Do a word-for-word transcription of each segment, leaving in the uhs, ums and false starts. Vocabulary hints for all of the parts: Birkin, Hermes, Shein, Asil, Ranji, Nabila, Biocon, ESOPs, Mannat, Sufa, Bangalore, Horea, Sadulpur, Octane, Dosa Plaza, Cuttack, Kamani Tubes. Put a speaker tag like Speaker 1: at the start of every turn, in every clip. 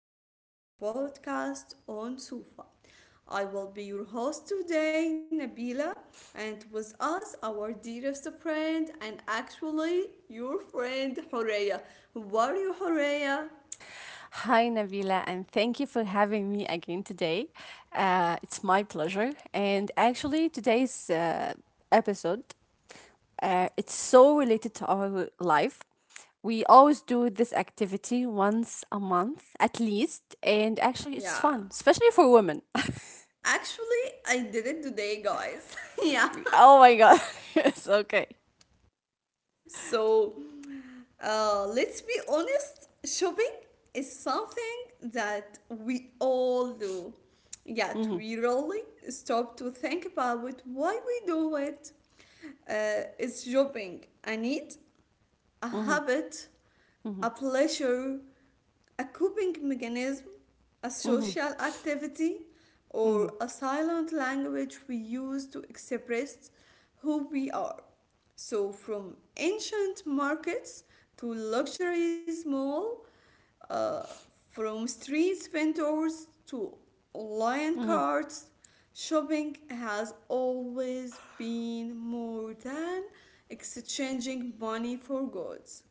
Speaker 1: episode of our podcast on Sufa. I will be your host today, Nabila, and with us, our dearest friend, and actually your friend, Horea. Who are you, Horea?
Speaker 2: Hi, Nabila, and thank you for having me again today. Uh, it's my pleasure. And actually, today's uh, episode uh, it's so related to our life. We always do this activity once a month at least, and actually, it's
Speaker 1: Yeah.
Speaker 2: fun, especially for women.
Speaker 1: Actually, I did it today, guys. Yeah.
Speaker 2: Oh my god, it's okay.
Speaker 1: so uh, let's be honest, shopping is something that we all do, yet
Speaker 2: Mhm,
Speaker 1: we rarely stop to think about why we do it uh, It's shopping a need, a
Speaker 2: mhm,
Speaker 1: habit,
Speaker 2: mhm,
Speaker 1: a pleasure, a coping mechanism, a
Speaker 2: mhm,
Speaker 1: social activity,
Speaker 2: mhm,
Speaker 1: or a silent language we use to express who we are. So, from ancient markets to luxury mall uh, from street vendors to online
Speaker 2: mhm,
Speaker 1: carts, shopping has always been more than exchanging money for goods.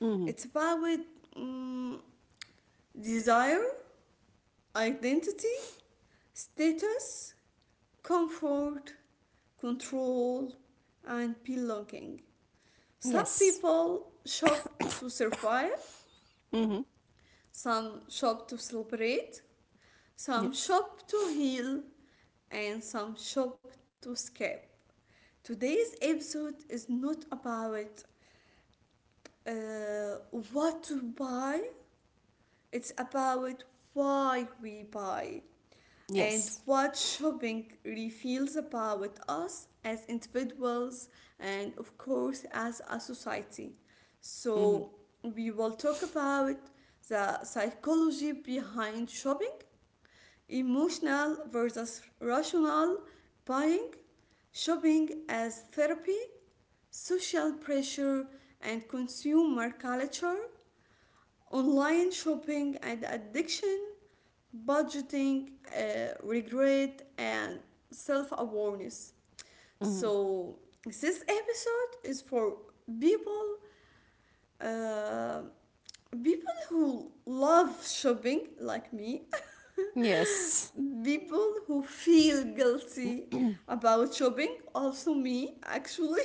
Speaker 2: mhm.
Speaker 1: It's about mm, desire, identity, status, comfort, control, and belonging. Some
Speaker 2: Yes.
Speaker 1: people shop to survive,
Speaker 2: Mhm.
Speaker 1: some shop to celebrate, some
Speaker 2: Yes.
Speaker 1: shop to heal, and some shop to escape. Today's episode is not about uh, what to buy, it's about why we buy and
Speaker 2: Yes.
Speaker 1: what shopping reveals about us as individuals and, of course, as a society.
Speaker 2: Mhm.
Speaker 1: So, we will talk about the psychology behind shopping, emotional versus rational buying, shopping as therapy, social pressure and consumer culture, online shopping and addiction, budgeting, uh, regret, and self awareness.
Speaker 2: Mhm.
Speaker 1: So, this episode is for people. Uh, People who love shopping like me,
Speaker 2: Yes.
Speaker 1: people who feel guilty about shopping, also me actually,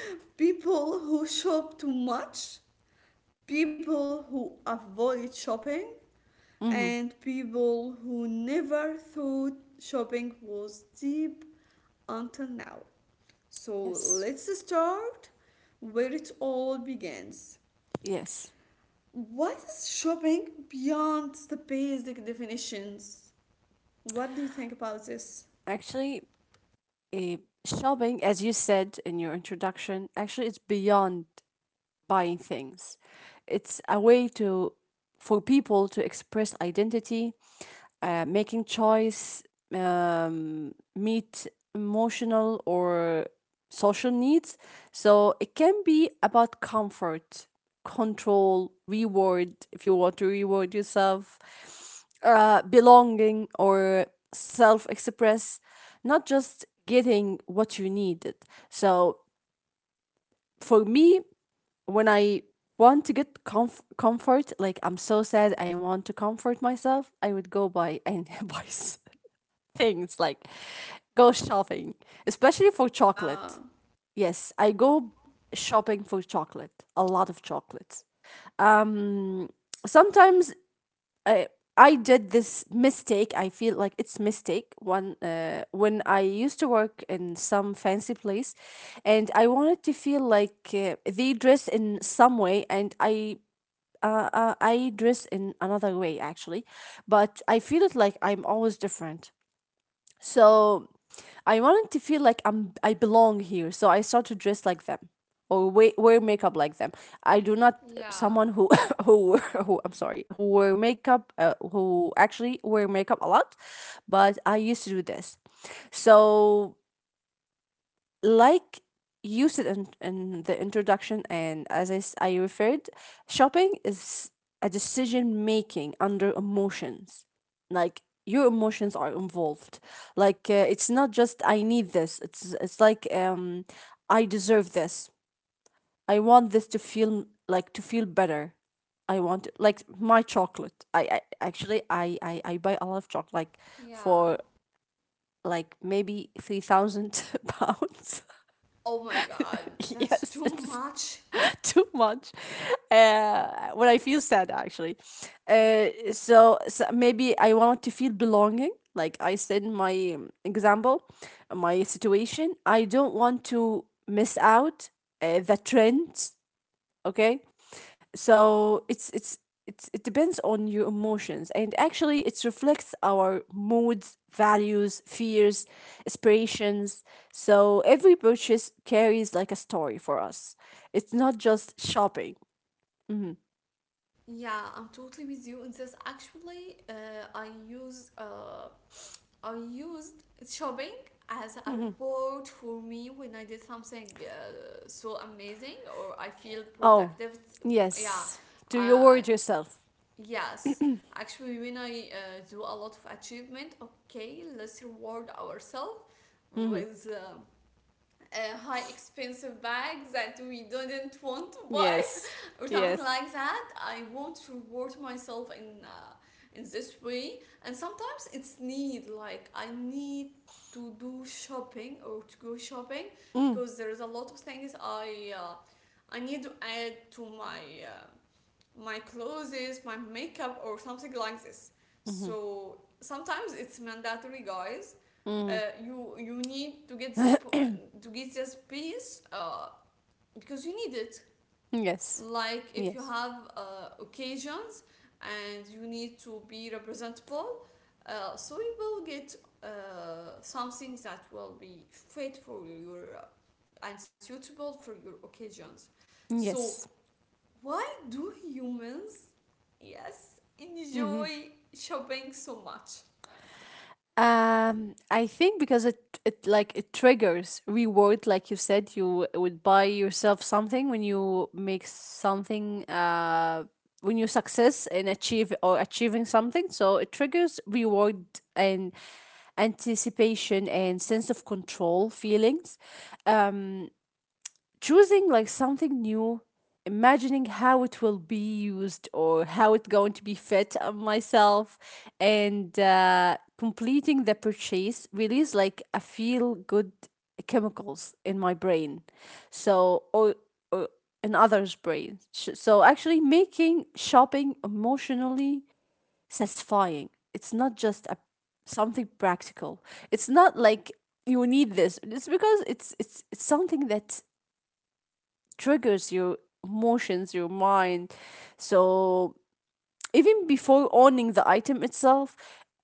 Speaker 1: people who shop too much, people who avoid shopping,
Speaker 2: Mm-hmm.
Speaker 1: and people who never thought shopping was deep until now. So
Speaker 2: Yes,
Speaker 1: let's start where it all begins.
Speaker 2: yes.
Speaker 1: What is shopping beyond the basic definitions? What do you think about this?
Speaker 2: Actually, eh, shopping, as you said in your introduction, actually it's beyond buying things. It's a way to For people to express identity, uh, making choice, um, meet emotional or social needs. So it can be about comfort, control, reward if you want to reward yourself, uh, belonging or self express, not just getting what you needed. So for me, when I want to get comf- comfort, like I'm so sad, I want to comfort myself, I would go buy and buy s- things like go shopping, especially for chocolate.
Speaker 1: Yeah.
Speaker 2: Yes, I go shopping for chocolate, a lot of chocolates. Um, Sometimes I I did this mistake. I feel like it's mistake one uh, when I used to work in some fancy place, and I wanted to feel like uh, they dress in some way, and I uh, uh, I dress in another way actually, but I feel it like I'm always different. So I wanted to feel like I'm I belong here, so I start to dress like them or wear, wear makeup like them. I do not
Speaker 1: Yeah,
Speaker 2: Someone who who wear- who, I'm sorry, who wear makeup uh, who actually wear makeup a lot, but I used to do this. So like you said in, in the introduction and as I, s- I referred, shopping is a decision making under emotions, like your emotions are involved, like uh, it's not just I need this it's it's like um I deserve this, I want this to feel like to feel better. I want like my chocolate i, I actually I, I i buy a lot of chocolate, like
Speaker 1: yeah.
Speaker 2: for like maybe three thousand pounds.
Speaker 1: Oh my god, that's
Speaker 2: Yes,
Speaker 1: too
Speaker 2: it's
Speaker 1: much.
Speaker 2: too much uh, when I feel sad, actually. Uh, so, so, maybe I want to feel belonging. Like I said in my um, example, my situation, I don't want to miss out uh, the trends, okay? So it's it's it's it depends on your emotions, and actually it reflects our moods, values, fears, aspirations. So every purchase carries like a story for us. It's not just shopping. Mhm,
Speaker 1: Yeah, I'm totally with you in this. Actually, uh, I use uh, I used shopping as a
Speaker 2: mhm.
Speaker 1: reward for me when I did something uh, so amazing or I feel
Speaker 2: Oh
Speaker 1: productive. Yeah,
Speaker 2: yes, do your
Speaker 1: uh,
Speaker 2: word yourself.
Speaker 1: yes. Actually, when I uh, do a lot of achievement, okay, let's reward ourselves
Speaker 2: Mhm.
Speaker 1: with. Uh, uh, high expensive bags that we didn't want to buy
Speaker 2: Yes,
Speaker 1: or something
Speaker 2: yes.
Speaker 1: like that. I want to reward myself in uh, in this way, and sometimes it's need, like I need to do shopping or to go shopping
Speaker 2: Mm,
Speaker 1: because there is a lot of things I uh, I need to add to my uh, my clothes, my makeup, or something like this.
Speaker 2: mhm,
Speaker 1: So sometimes it's mandatory, guys. Uh,
Speaker 2: mhm.
Speaker 1: you you need to get this to get this piece uh, because you need it.
Speaker 2: Yes,
Speaker 1: Like if you
Speaker 2: yes,
Speaker 1: have uh, occasions and you need to be representable, uh, so you will get uh, something that will be fit for your uh, and suitable for your occasions. So
Speaker 2: yes.
Speaker 1: why do humans, yes,
Speaker 2: Mhm.
Speaker 1: enjoy shopping so much?
Speaker 2: Um, I think because it it like it triggers reward, like you said, you would buy yourself something when you make something. Uh, when you success in achieve or achieving something, so it triggers reward and anticipation and sense of control feelings, choosing like something new, imagining how it will be used or how it's going to be fit on myself, and uh, completing the purchase release like a feel good chemicals in my brain. so or, or in others brains, Sh- so actually making shopping emotionally satisfying, it's not just a something practical. It's not like you need this, it's because it's it's, it's something that triggers your emotions, your mind. So even before owning the item itself,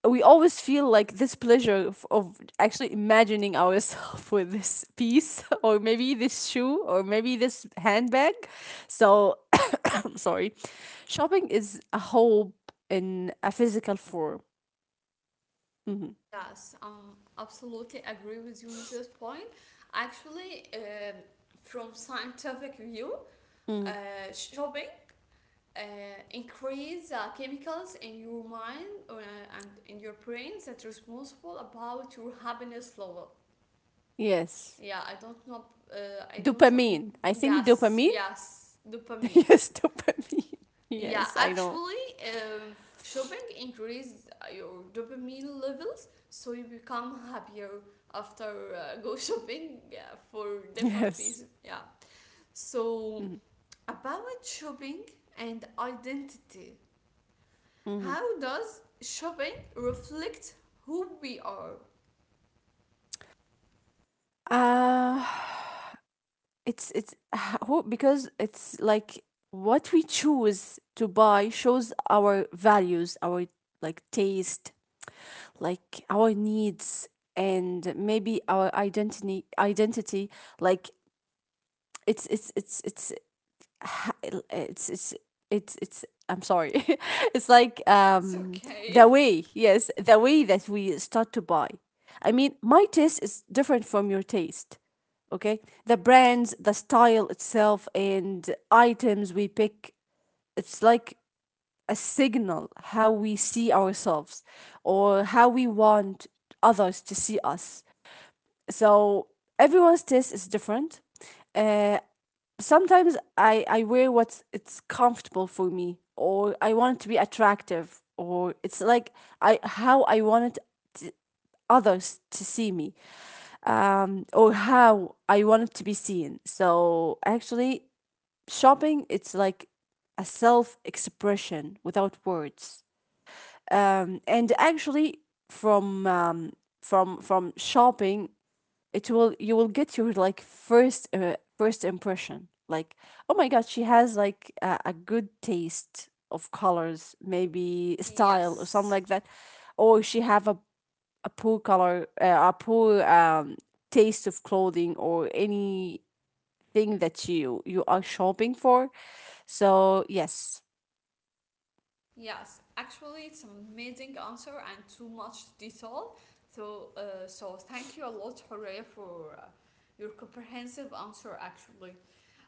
Speaker 2: we always feel like this pleasure of, of actually imagining ourselves with this piece, or maybe this shoe or maybe this handbag. So I'm sorry. Shopping is a hope in a physical form.
Speaker 1: Yes, um, absolutely agree with you on this point. Actually, um, from scientific view,
Speaker 2: Mm.
Speaker 1: uh, shopping uh, increase uh, chemicals in your mind uh, and in your brain that responsible about your happiness level.
Speaker 2: Yes.
Speaker 1: Yeah, I don't know. Uh, I don't rem.
Speaker 2: Dopamine. I think
Speaker 1: Yes,
Speaker 2: dopamine.
Speaker 1: yes, dopamine.
Speaker 2: Yes, dopamine.
Speaker 1: Yeah,
Speaker 2: Yes, I know.
Speaker 1: actually, um, shopping increases your dopamine levels, so you become happier after uh, go shopping, yeah, for different
Speaker 2: Yes.
Speaker 1: pieces. Yeah. So
Speaker 2: Mhm,
Speaker 1: about shopping and identity,
Speaker 2: mhm.
Speaker 1: how does shopping reflect who we are?
Speaker 2: Uh, it's it's who, because it's like what we choose to buy shows our values, our like taste, like our needs, and maybe our identity identity like it's it's it's it's it's it's it's it's I'm sorry. It's like
Speaker 1: It's
Speaker 2: um the
Speaker 1: okay.
Speaker 2: way, yes, the way that we start to buy. I mean, my taste is different from your taste. Okay? The brands, the style itself and items we pick, it's like a signal how we see ourselves or how we want others to see us. So, everyone's taste is different. Uh, Sometimes I, I wear what's it's comfortable for me, or I want it to be attractive, or it's like I how I want it to, others to see me, um, or how I want it to be seen. So actually shopping it's like a self expression without words. Um, and actually from um, from from shopping it will, you will get your like first uh, first impression, like oh my god, she has like a, a good taste of colors, maybe style or something
Speaker 1: Yes.
Speaker 2: like that, or she have a, a poor color uh, a poor um, taste of clothing or anything that you you are shopping for. So yes,
Speaker 1: Yes, actually, it's an amazing answer and too much detail. So, uh, so thank you a lot, Horea, for uh, your comprehensive answer. Actually,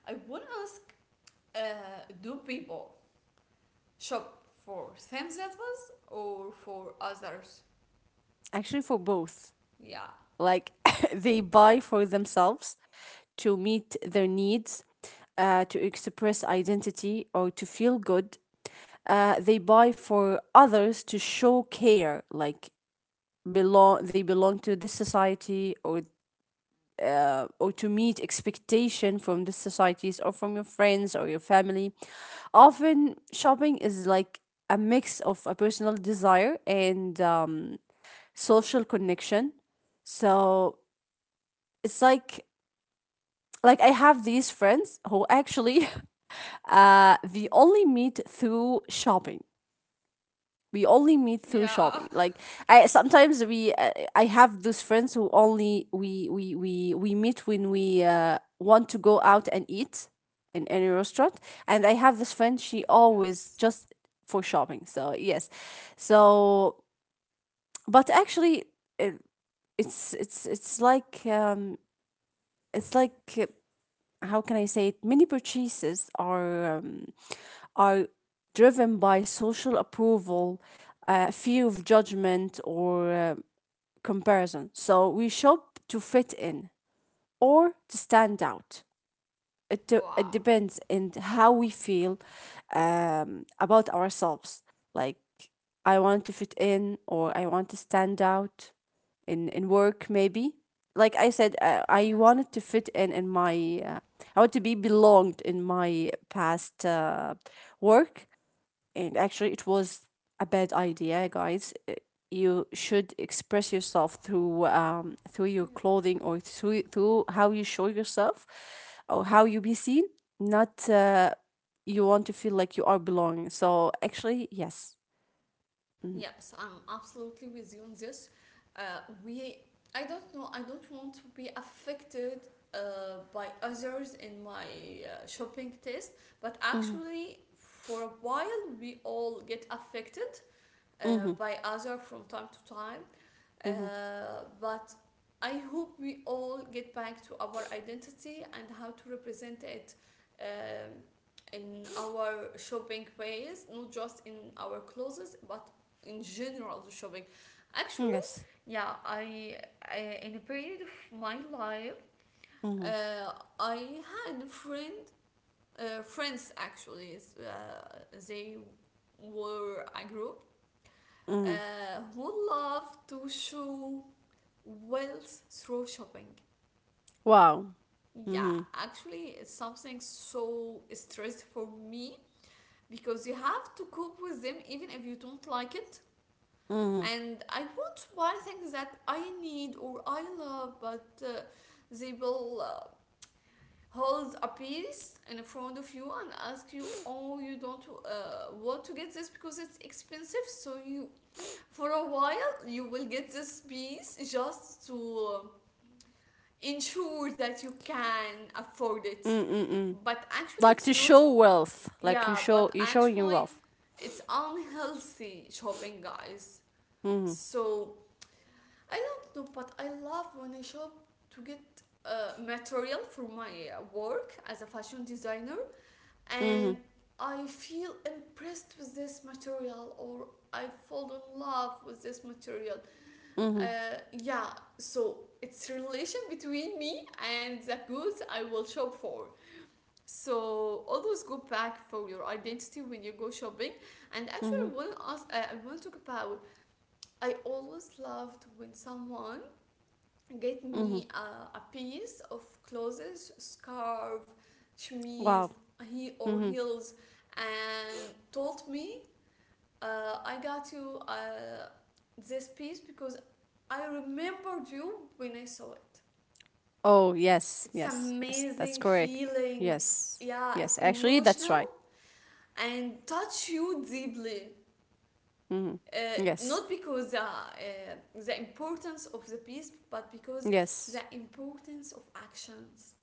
Speaker 1: I would ask: uh, Do people shop for themselves or for others?
Speaker 2: actually for both.
Speaker 1: Yeah.
Speaker 2: Like they buy for themselves to meet their needs, uh, to express identity, or to feel good. Uh, they buy for others to show care, like belong they belong to this society, or uh, or to meet expectation from the societies or from your friends or your family. Often shopping is like a mix of a personal desire and um, social connection. So it's like like I have these friends who actually uh they only meet through shopping. We only meet through
Speaker 1: Yeah.
Speaker 2: shopping. Like I sometimes we uh, I have those friends who only we we we we meet when we uh, want to go out and eat in any restaurant. And I have this friend, she always
Speaker 1: Yes.
Speaker 2: just for shopping. So yes. So but actually, it, it's it's it's like um it's like uh, how can I say it? Many purchases are um, are driven by social approval, uh, fear of judgment, or uh, comparison. So we shop to fit in or to stand out. It, de- it
Speaker 1: Wow.
Speaker 2: depends in how we feel um, about ourselves. Like I want to fit in or I want to stand out in in work maybe. Like I said, uh, I
Speaker 1: Yes.
Speaker 2: wanted to fit in in my uh, I want to be belonged in my past uh, work. And actually it was a bad idea, guys. Uh, you should express yourself through um through your
Speaker 1: Yeah.
Speaker 2: clothing, or through through how you show yourself or how you be seen, not uh, you want to feel like you are belonging. So actually yes. Mhm.
Speaker 1: Yes, I'm absolutely with you on this. Uh, we, I don't know, I don't want to be affected uh, by others in my uh, shopping taste, but
Speaker 2: Mhm.
Speaker 1: actually, for a while, we all get affected uh,
Speaker 2: Mhm.
Speaker 1: by other from time to time.
Speaker 2: Mhm.
Speaker 1: Uh, but I hope we all get back to our identity and how to represent it um, in our shopping ways, not just in our clothes, but in general the shopping. Actually,
Speaker 2: Yes.
Speaker 1: yeah, I, I in a period of my life,
Speaker 2: Mhm.
Speaker 1: uh, I had a friend, uh, friends actually, uh, they were a group
Speaker 2: Mhm.
Speaker 1: uh, who loved to show Wells through shopping.
Speaker 2: Wow.
Speaker 1: Yeah,
Speaker 2: Mhm.
Speaker 1: actually, it's something so stressed for me because you have to cope with them even if you don't like it.
Speaker 2: Mhm.
Speaker 1: And I want to buy things that I need or I love, but uh, they will uh, hold a piece in front of you and ask you, "Oh, you don't uh, want to get this because it's expensive." So you, for a while, you will get this piece just to. Um, ensure that you can afford it.
Speaker 2: Mm, mm, mm.
Speaker 1: But actually,
Speaker 2: Like
Speaker 1: it's
Speaker 2: to
Speaker 1: not,
Speaker 2: show wealth, like you
Speaker 1: yeah, but
Speaker 2: show, you showing your
Speaker 1: actually,
Speaker 2: wealth.
Speaker 1: it's unhealthy shopping, guys.
Speaker 2: Mhm.
Speaker 1: So, I don't know, but I love when I shop to get uh, material for my uh, work as a fashion designer,
Speaker 2: Mhm.
Speaker 1: and I feel impressed with this material or I fall in love with this material.
Speaker 2: Mhm.
Speaker 1: Uh, yeah, so it's relation between me and the goods I will shop for. So always go back for your identity when you go shopping. And actually, I
Speaker 2: Mhm.
Speaker 1: want to ask, uh, I want to talk about. I always loved when someone get
Speaker 2: Mhm.
Speaker 1: me uh, a piece of clothes, scarf, chemise,
Speaker 2: Wow.
Speaker 1: he or
Speaker 2: Mm-hmm.
Speaker 1: heels, and told me uh, I got you uh, this piece because I remembered you when I saw it.
Speaker 2: Oh, yes,
Speaker 1: It's
Speaker 2: yes, yes. That's
Speaker 1: amazing
Speaker 2: correct.
Speaker 1: feeling.
Speaker 2: Yes,
Speaker 1: Yeah,
Speaker 2: yes.
Speaker 1: it's
Speaker 2: Actually, that's
Speaker 1: emotional
Speaker 2: right.
Speaker 1: and touch you deeply.
Speaker 2: Mm-hmm.
Speaker 1: Uh,
Speaker 2: Yes,
Speaker 1: Not because the, uh, the importance of the piece, but because the
Speaker 2: yes.
Speaker 1: importance of actions.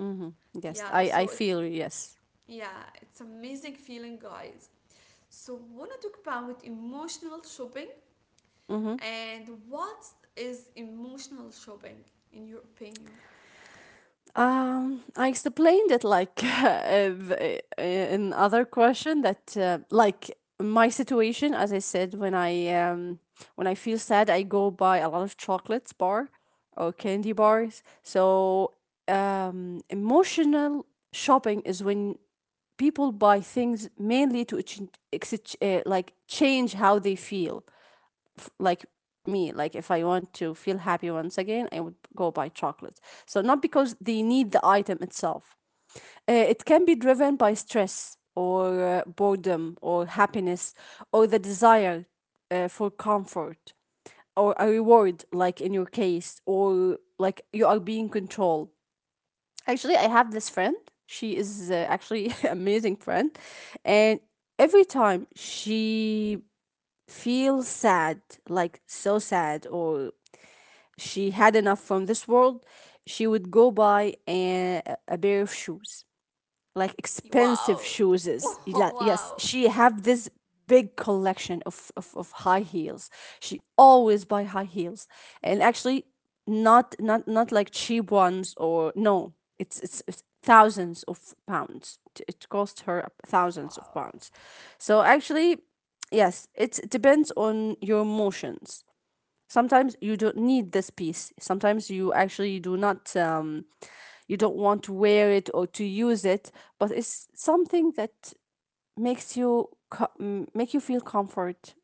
Speaker 2: Mm-hmm. Yes,
Speaker 1: Yeah,
Speaker 2: I, I
Speaker 1: so it's
Speaker 2: feel you, yes.
Speaker 1: yeah, it's amazing feeling, guys. So wanna talk about emotional shopping.
Speaker 2: Mm-hmm.
Speaker 1: And what is emotional shopping in your opinion?
Speaker 2: Um, I explained it like uh, th- uh, in other question that uh, like my situation, as I said, when I um when I feel sad, I go buy a lot of chocolates bar or candy bars. So um, emotional shopping is when people buy things mainly to ex- uh, like change how they feel. Like me, like if I want to feel happy once again, I would go buy chocolate. So not because they need the item itself, uh, it can be driven by stress, or uh, boredom, or happiness, or the desire uh, for comfort, or a reward like in your case, or like you are being controlled. Actually, I have this friend. She is uh, actually amazing friend. And every time she feels sad, like so sad, or she had enough from this world, she would go buy a, a pair of shoes, like expensive
Speaker 1: Wow.
Speaker 2: shoes. Yeah, Yes,
Speaker 1: Wow.
Speaker 2: she have this big collection of, of, of high heels. She always buy high heels. And actually not not not like cheap ones or no, it's it's, it's thousands of pounds. It- It cost her thousands of
Speaker 1: Wow.
Speaker 2: pounds. So actually yes, it's, it depends on your emotions. Sometimes you don't need this piece, sometimes you actually do not um, you don't want to wear it or to use it, but it's something that makes you co- m- make you feel comfort,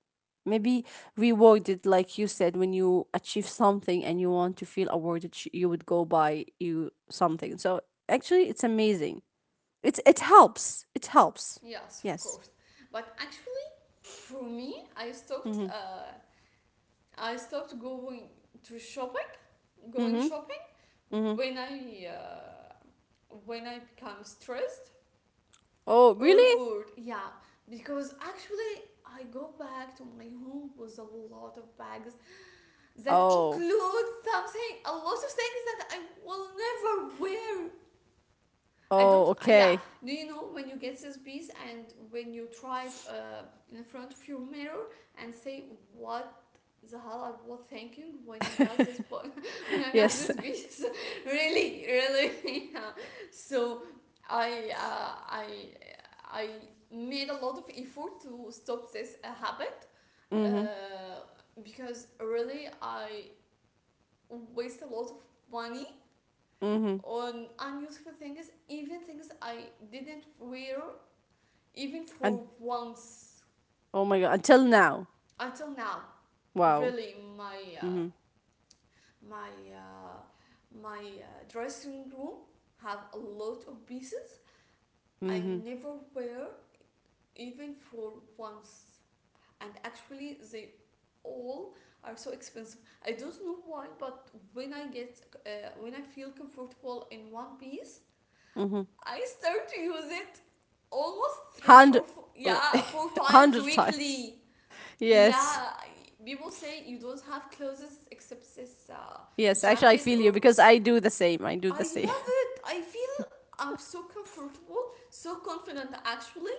Speaker 2: maybe rewarded, like you said, when you achieve something and you want to feel awarded, sh- you would go buy you something. So actually it's amazing. It's it helps it helps.
Speaker 1: Yes, of
Speaker 2: Yes.
Speaker 1: course. But actually, for me, I stopped
Speaker 2: Mm-hmm.
Speaker 1: uh, I stopped going to shopping, going
Speaker 2: Mm-hmm.
Speaker 1: shopping
Speaker 2: Mm-hmm.
Speaker 1: when I uh, when I become stressed
Speaker 2: Oh
Speaker 1: or
Speaker 2: really?
Speaker 1: bored. Yeah, because actually I go back to my home with a lot of bags that
Speaker 2: Oh.
Speaker 1: includes something, a lot of things that I will never wear. I don't.
Speaker 2: Oh
Speaker 1: uh, Yeah.
Speaker 2: okay.
Speaker 1: Do you know when you get this piece and when you try it uh, in front of your mirror and say what the hell I was thinking when I got this po- when I got
Speaker 2: Yes.
Speaker 1: this piece? Really, really. Yeah. So I uh, I I made a lot of effort to stop this uh, habit
Speaker 2: Mhm.
Speaker 1: uh, because really I waste a lot of money
Speaker 2: Mhm.
Speaker 1: on unuseful things, even things I didn't wear even
Speaker 2: And
Speaker 1: for once
Speaker 2: oh my god, until now.
Speaker 1: until now.
Speaker 2: Wow.
Speaker 1: Really, my uh,
Speaker 2: Mhm.
Speaker 1: my uh, my uh, dressing room have a lot of pieces I
Speaker 2: Mhm.
Speaker 1: never wear even for once, and actually they all are so expensive. I don't know why, but when I get uh, when I feel comfortable in one piece,
Speaker 2: Mhm.
Speaker 1: I start to use it almost three
Speaker 2: Hundred,
Speaker 1: or four, yeah, four times
Speaker 2: hundred times.
Speaker 1: weekly.
Speaker 2: Yes.
Speaker 1: Yeah, people say you don't have clothes except this uh,
Speaker 2: Yes. Actually, I
Speaker 1: jacket
Speaker 2: feel you
Speaker 1: or.
Speaker 2: because I do the same. I do
Speaker 1: I
Speaker 2: the same.
Speaker 1: love it. I feel I'm so comfortable, so confident actually,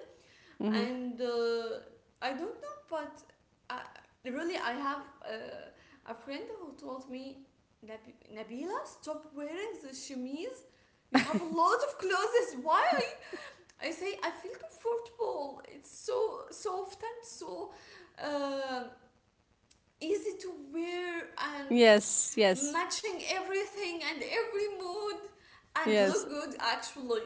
Speaker 2: Mhm.
Speaker 1: and uh, I don't know, but I, really I have uh, a friend who told me, "Nab- Nabila, stop wearing the chemise. You have a lot of clothes. Why are I say I feel comfortable. It's so soft and so uh, easy to wear and
Speaker 2: Yes. Yes.
Speaker 1: matching everything and every mood and look
Speaker 2: Yes.
Speaker 1: good actually.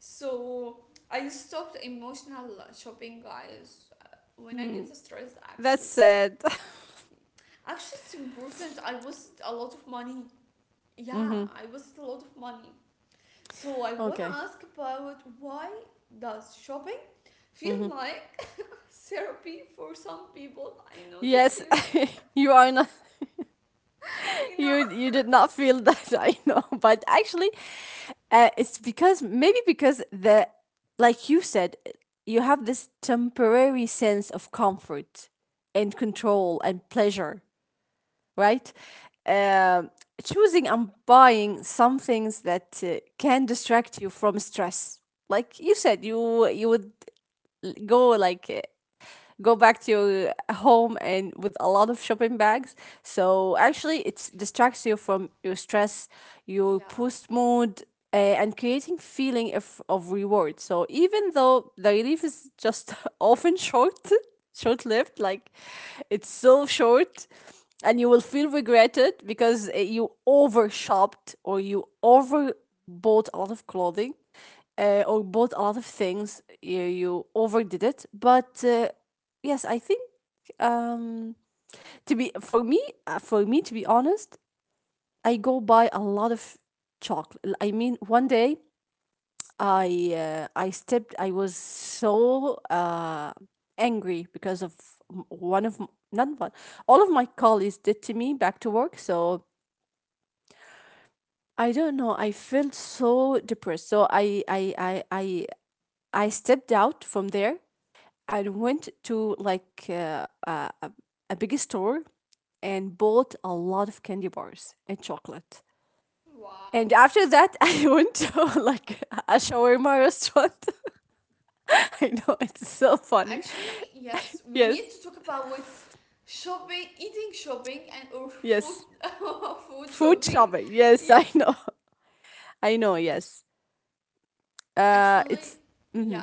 Speaker 1: So I stopped emotional shopping, guys. uh, When I
Speaker 2: Mm.
Speaker 1: get stressed,
Speaker 2: That's
Speaker 1: actually,
Speaker 2: sad.
Speaker 1: actually it's important. I wasted a lot of money. Yeah,
Speaker 2: Mhm.
Speaker 1: I wasted a lot of money. So I wanna
Speaker 2: Okay.
Speaker 1: ask about why does shopping feel
Speaker 2: Mhm.
Speaker 1: like therapy for some people. I know this
Speaker 2: Yes.
Speaker 1: feeling.
Speaker 2: You are not.
Speaker 1: I
Speaker 2: you
Speaker 1: know.
Speaker 2: you did not feel that I know, but actually uh, it's because maybe because the like you said, you have this temporary sense of comfort and control and pleasure, right? Um Choosing and buying some things that uh, can distract you from stress. Like you said, you you would go like uh, go back to your uh, home and with a lot of shopping bags. So actually,
Speaker 1: Yes.
Speaker 2: it distracts you from your stress, your
Speaker 1: Yeah.
Speaker 2: post mood, uh, and creating feeling of, of reward. So even though the relief is just often short, short lived, like it's so short, and you will feel regretted because uh, you over shopped or you over bought a lot of clothing uh, or bought a lot of things, you, you overdid it, but uh, yes, I think um to be for me uh, for me to be honest, I go buy a lot of chocolate. I mean, one day I uh, I stepped I was so uh angry because of m- one of m- not one all of my colleagues did to me back to work. So I don't know, I felt so depressed. So I I I I I stepped out from there. I went to like uh, a, a- a big store and bought a lot of candy bars and chocolate. And
Speaker 1: Wow.
Speaker 2: after that, I went to like a shawarma restaurant. I know it's so funny.
Speaker 1: Actually, yes, we
Speaker 2: Yes,
Speaker 1: need to talk about with shopping, eating shopping and or food
Speaker 2: yes.
Speaker 1: food
Speaker 2: Food
Speaker 1: shopping.
Speaker 2: shopping. Yes,
Speaker 1: Yeah.
Speaker 2: I know. I know, yes. Uh,
Speaker 1: Actually,
Speaker 2: it's
Speaker 1: yeah.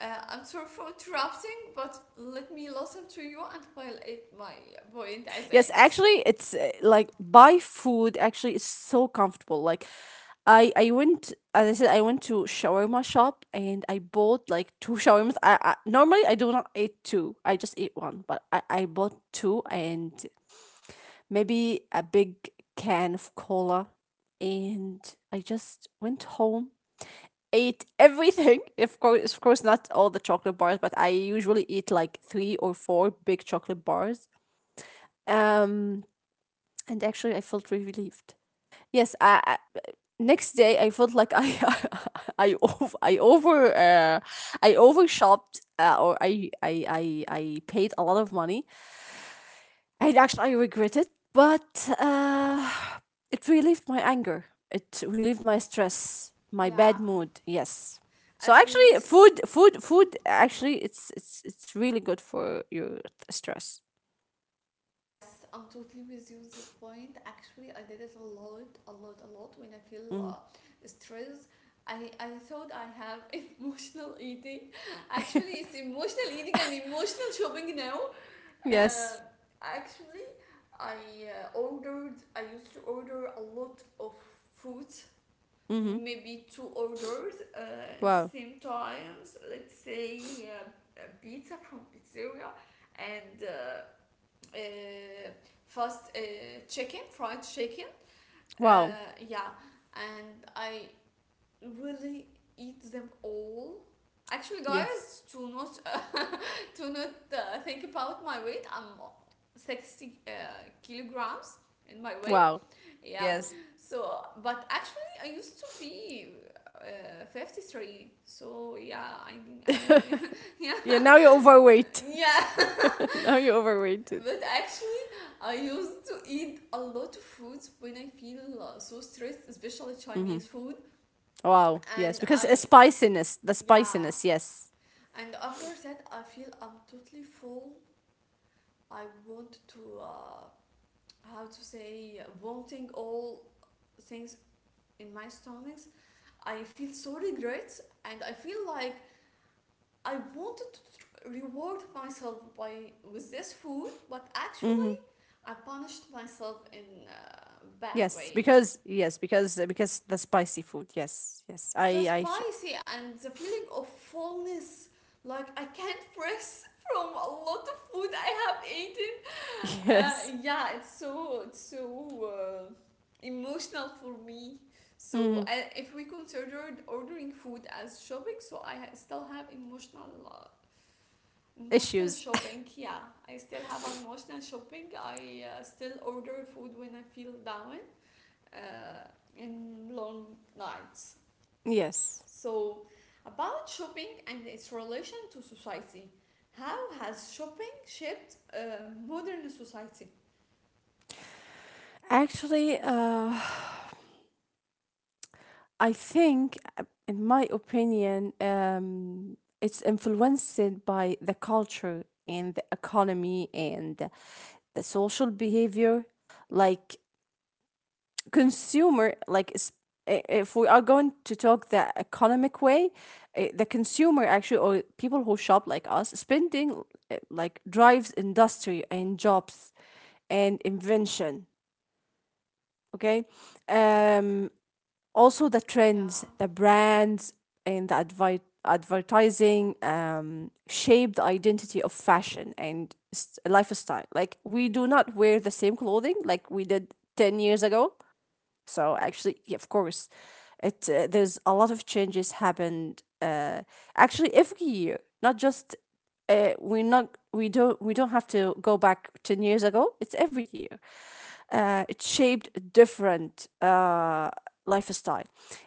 Speaker 1: Uh, I'm sorry for interrupting, but let me listen to you and I'll add my point at the
Speaker 2: Yes,
Speaker 1: end.
Speaker 2: actually, it's uh, like buy food. Actually, it's so comfortable. Like, I I went, as I said, I went to shawarma shop and I bought like two shawarmas. I, I normally I do not eat two. I just eat one, but I I bought two, and maybe a big can of cola, and I just went home, ate everything. Of course, of course, not all the chocolate bars, but I usually eat like three or four big chocolate bars. um and actually I felt really relieved. Yes, I, I Next day I felt like I I over I over uh, I overshopped uh, or, I, I I I paid a lot of money, and actually I regret it, but uh, it relieved my anger. It relieved my stress, my
Speaker 1: Yeah.
Speaker 2: bad mood. Yes. So
Speaker 1: At
Speaker 2: actually,
Speaker 1: least
Speaker 2: food, food, food. Actually, it's it's it's really good for your stress.
Speaker 1: Yes, I'm totally with you on this point. Actually, I did it a lot, a lot, a lot when I feel
Speaker 2: Mm.
Speaker 1: uh, stress. I, I thought I have emotional eating. Actually, it's emotional eating and emotional shopping now. Uh,
Speaker 2: Yes.
Speaker 1: Actually, I uh, ordered, I used to order a lot of food,
Speaker 2: Mm-hmm.
Speaker 1: maybe two orders uh, at the
Speaker 2: Wow.
Speaker 1: same times. Let's say uh, a pizza from pizzeria and uh, uh, fast uh, chicken, fried chicken.
Speaker 2: Wow.
Speaker 1: Uh, yeah, and I really eat them all. Actually,
Speaker 2: Yes.
Speaker 1: guys, to not uh, to not uh, think about my weight, I'm sixty uh, kilograms in my weight.
Speaker 2: Wow.
Speaker 1: Yeah,
Speaker 2: Yes.
Speaker 1: so but actually, I used to be uh, fifty-three. So yeah, I I yeah
Speaker 2: Yeah, now you're overweight.
Speaker 1: yeah.
Speaker 2: Now you're overweighted.
Speaker 1: But actually, I used to eat a lot of foods when I feel uh, so stressed, especially
Speaker 2: Mm-hmm.
Speaker 1: Chinese food.
Speaker 2: Wow.
Speaker 1: And
Speaker 2: Yes, because
Speaker 1: I,
Speaker 2: uh, spiciness, the
Speaker 1: yeah,
Speaker 2: spiciness. Yes.
Speaker 1: and after that, I feel I'm totally full. I want to, uh, how to say, vomiting all things in my stomachs. I feel so regret, and I feel like I wanted to tr- reward myself by with this food, but
Speaker 2: Mm-hmm.
Speaker 1: actually, I punished myself in a bad
Speaker 2: Yes,
Speaker 1: way.
Speaker 2: because yes, because because the spicy food. Yes, yes.
Speaker 1: The
Speaker 2: I I sh-
Speaker 1: spicy and the feeling of fullness, like I can't press from a lot of food I have eaten.
Speaker 2: yes.
Speaker 1: Uh, yeah, it's so it's so uh, emotional for me. So
Speaker 2: Mm-hmm.
Speaker 1: uh, if we considered ordering food as shopping, so i ha- still have emotional uh, emotional
Speaker 2: Issues.
Speaker 1: shopping, yeah. I still have emotional shopping. I uh, still order food when I feel down, uh, in long nights.
Speaker 2: Yes.
Speaker 1: So, about shopping and its relation to society. How has shopping shaped uh, modern society?
Speaker 2: Actually, uh, I think, uh, in my opinion, um, it's influenced by the culture and the economy and the the social behavior. Like consumer, like s- i- if we are going to talk the economic way, uh, the consumer, actually, or people who shop like us spending uh, like drives industry and jobs and invention. Okay. um, Also the trends,
Speaker 1: Yeah,
Speaker 2: the brands, and the advi- advertising um, shape the identity of fashion and s- lifestyle. Like we do not wear the same clothing like we did ten years ago, so actually, yeah, of course it uh, there's a lot of changes happened. Uh, actually every year, not just uh, we not we don't we don't have to go back ten years ago, it's every year. Uh, it shaped different uh, lifestyle.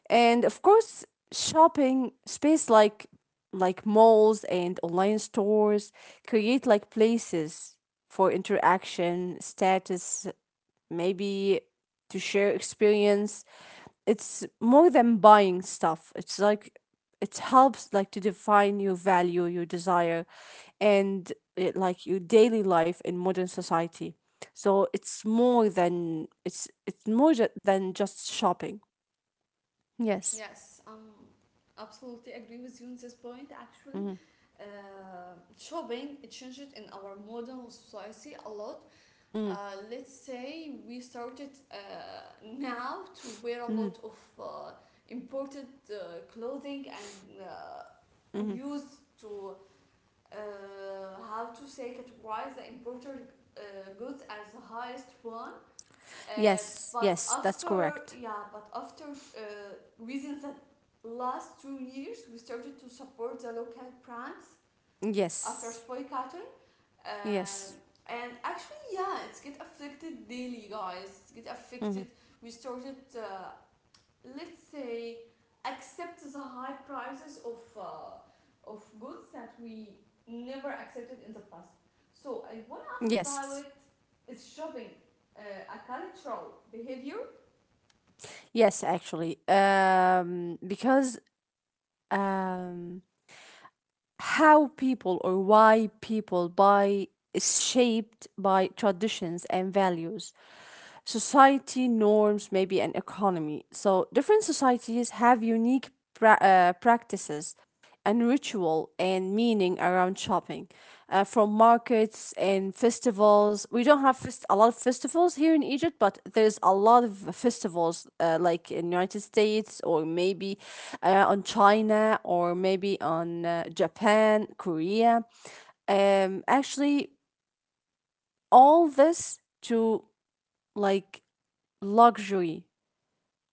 Speaker 2: And of course, shopping space, like like malls and online stores, create like places for interaction, status, maybe, to share experience. It's more than buying stuff. It's like it helps like to define your value, your desire, and it, like your daily life in modern society. So it's more than it's it's more ju- than just shopping. Yes.
Speaker 1: yes, um, absolutely agree with you on this point. Actually,
Speaker 2: Hmm.
Speaker 1: uh, shopping it changed in our modern society a lot.
Speaker 2: Hmm.
Speaker 1: Uh, let's say we started uh, now to wear a
Speaker 2: Hmm.
Speaker 1: lot of uh, imported uh, clothing, and uh,
Speaker 2: Hmm.
Speaker 1: used to uh, how to say categorize the imported uh, goods as the highest one. Uh,
Speaker 2: Yes.
Speaker 1: but
Speaker 2: Yes. That's
Speaker 1: after
Speaker 2: correct.
Speaker 1: yeah, but after uh, within the last two years, we started to support the local brands after
Speaker 2: Yes.
Speaker 1: spoil cotton. Um,
Speaker 2: Yes.
Speaker 1: and actually, yeah, it's get affected daily, guys. It's get
Speaker 2: Hmm.
Speaker 1: affected. We started uh, let's say accept the high prices of uh, of goods that we never accepted in the past. So I want to ask
Speaker 2: Yes.
Speaker 1: about, is shopping uh, a cultural behavior?
Speaker 2: Yes, actually. Um, because um, how people or why people buy is shaped by traditions and values, society norms, maybe, an economy. So different societies have unique pra- uh, practices and ritual and meaning around shopping, uh, from markets and festivals. We don't have fest- a lot of festivals here in Egypt, but there's a lot of festivals uh, like in United States, or maybe uh, on China, or maybe on uh, Japan, Korea. Um, actually all this to like luxury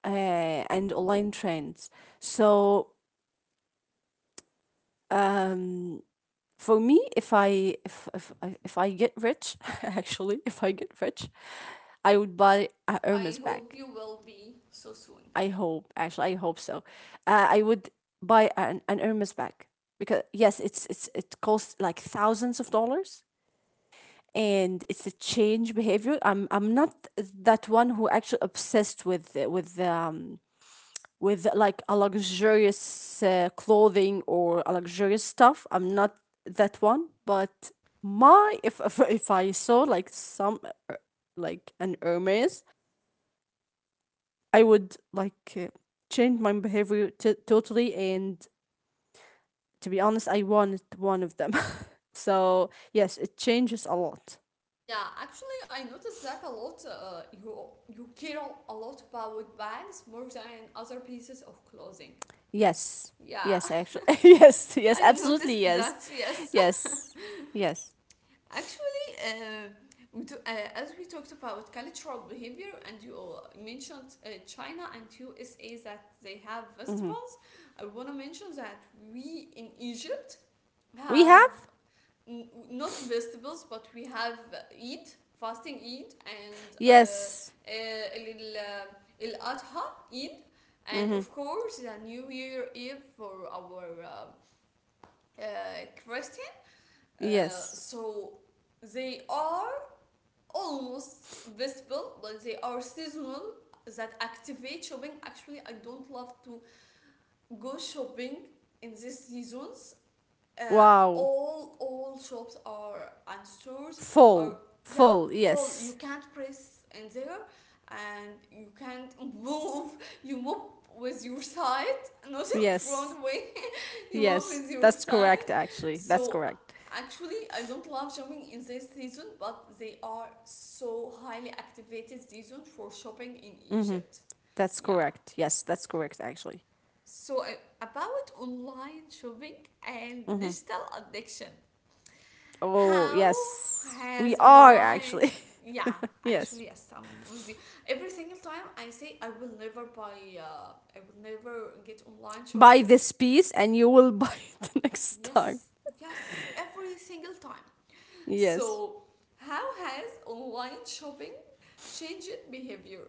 Speaker 2: uh, and online trends. So um for me, if i if if I, if I get rich, actually, if I get rich, I would buy a Hermes
Speaker 1: I
Speaker 2: bag.
Speaker 1: hope you will be so soon.
Speaker 2: I hope, actually, I hope so. uh, I would buy an, an Hermes bag, because yes, it's it's it costs like thousands of dollars, and it's a change behavior. I'm i'm not that one who actually obsessed with with um with like a luxurious uh, clothing or a luxurious stuff. I'm not that one, but my if if, if I saw like some uh, like an Hermes, I would like uh, change my behavior t- totally. And to be honest, I wanted one of them. So yes, it changes a lot.
Speaker 1: Yeah, actually, I noticed that a lot. Uh, you you care a lot about bags more than other pieces of clothing.
Speaker 2: Yes,
Speaker 1: Yeah,
Speaker 2: yes, actually, yes, yes,
Speaker 1: I
Speaker 2: absolutely,
Speaker 1: noticed
Speaker 2: yes,
Speaker 1: that. Yes.
Speaker 2: yes, yes.
Speaker 1: Actually, uh, we do, uh, as we talked about cultural behavior, and you all mentioned uh, China and U S A that they have
Speaker 2: Mm-hmm.
Speaker 1: festivals. I want to mention that we in Egypt
Speaker 2: We
Speaker 1: have
Speaker 2: have
Speaker 1: n- not festivals, but we have Eid, fasting Eid, and uh,
Speaker 2: yes.
Speaker 1: uh, El El Adha Eid, and
Speaker 2: Mm-hmm.
Speaker 1: of course the New Year Eve for our uh, uh, Christian. Uh,
Speaker 2: Yes.
Speaker 1: so they are almost visible, but they are seasonal that activate shopping. Actually, I don't love to go shopping in these seasons. Uh,
Speaker 2: Wow.
Speaker 1: all all shops are and stores are,
Speaker 2: Full.
Speaker 1: yeah,
Speaker 2: Full.
Speaker 1: full. You
Speaker 2: Yes.
Speaker 1: can't press in there, and you can't move. You move with your side, not in
Speaker 2: Yes.
Speaker 1: front way. In one
Speaker 2: Yes.
Speaker 1: phase
Speaker 2: That's
Speaker 1: of time.
Speaker 2: correct, actually. That's
Speaker 1: So
Speaker 2: correct.
Speaker 1: actually, I don't love shopping in this season, but they are so highly activated season for shopping in
Speaker 2: Mm-hmm.
Speaker 1: Egypt.
Speaker 2: That's
Speaker 1: Yeah.
Speaker 2: correct. Yes, that's correct, actually.
Speaker 1: So uh, about online shopping and
Speaker 2: Mm-hmm.
Speaker 1: digital addiction,
Speaker 2: Oh,
Speaker 1: how
Speaker 2: yes. We
Speaker 1: has
Speaker 2: are,
Speaker 1: online?
Speaker 2: actually.
Speaker 1: Yeah,
Speaker 2: Yes.
Speaker 1: actually, yes, I'm with you. Every single time I say I will never buy, uh, I will never get online
Speaker 2: Buy
Speaker 1: shopping.
Speaker 2: this piece and you will buy it next
Speaker 1: Yes,
Speaker 2: time.
Speaker 1: yes, every single time.
Speaker 2: Yes.
Speaker 1: So, how has online shopping changed behavior?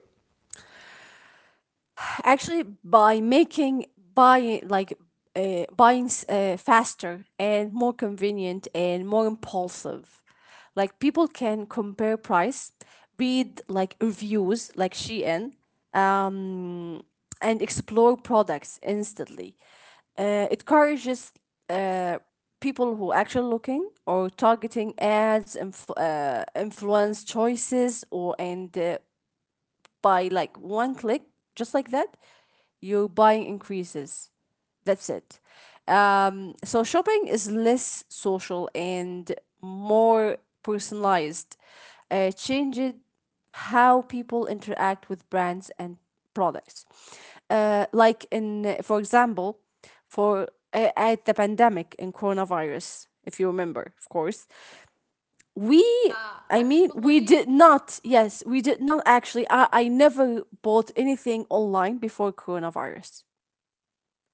Speaker 2: Actually by making buying like uh, buying s- uh, faster and more convenient and more impulsive, like people can compare price, read like reviews like Shein, um, and explore products instantly. Uh, it encourages uh, people who actually looking or targeting ads, inf- uh, influence choices, or and uh, by like one click, just like that, your buying increases. That's it. Um, so shopping is less social and more personalized. Uh, changed how people interact with brands and products. Uh, like in, for example, for uh, at the pandemic in coronavirus, if you remember, of course, we
Speaker 1: Yeah,
Speaker 2: I mean, we
Speaker 1: actually,
Speaker 2: did not. Yes, we did not, actually. i, I never bought anything online before coronavirus,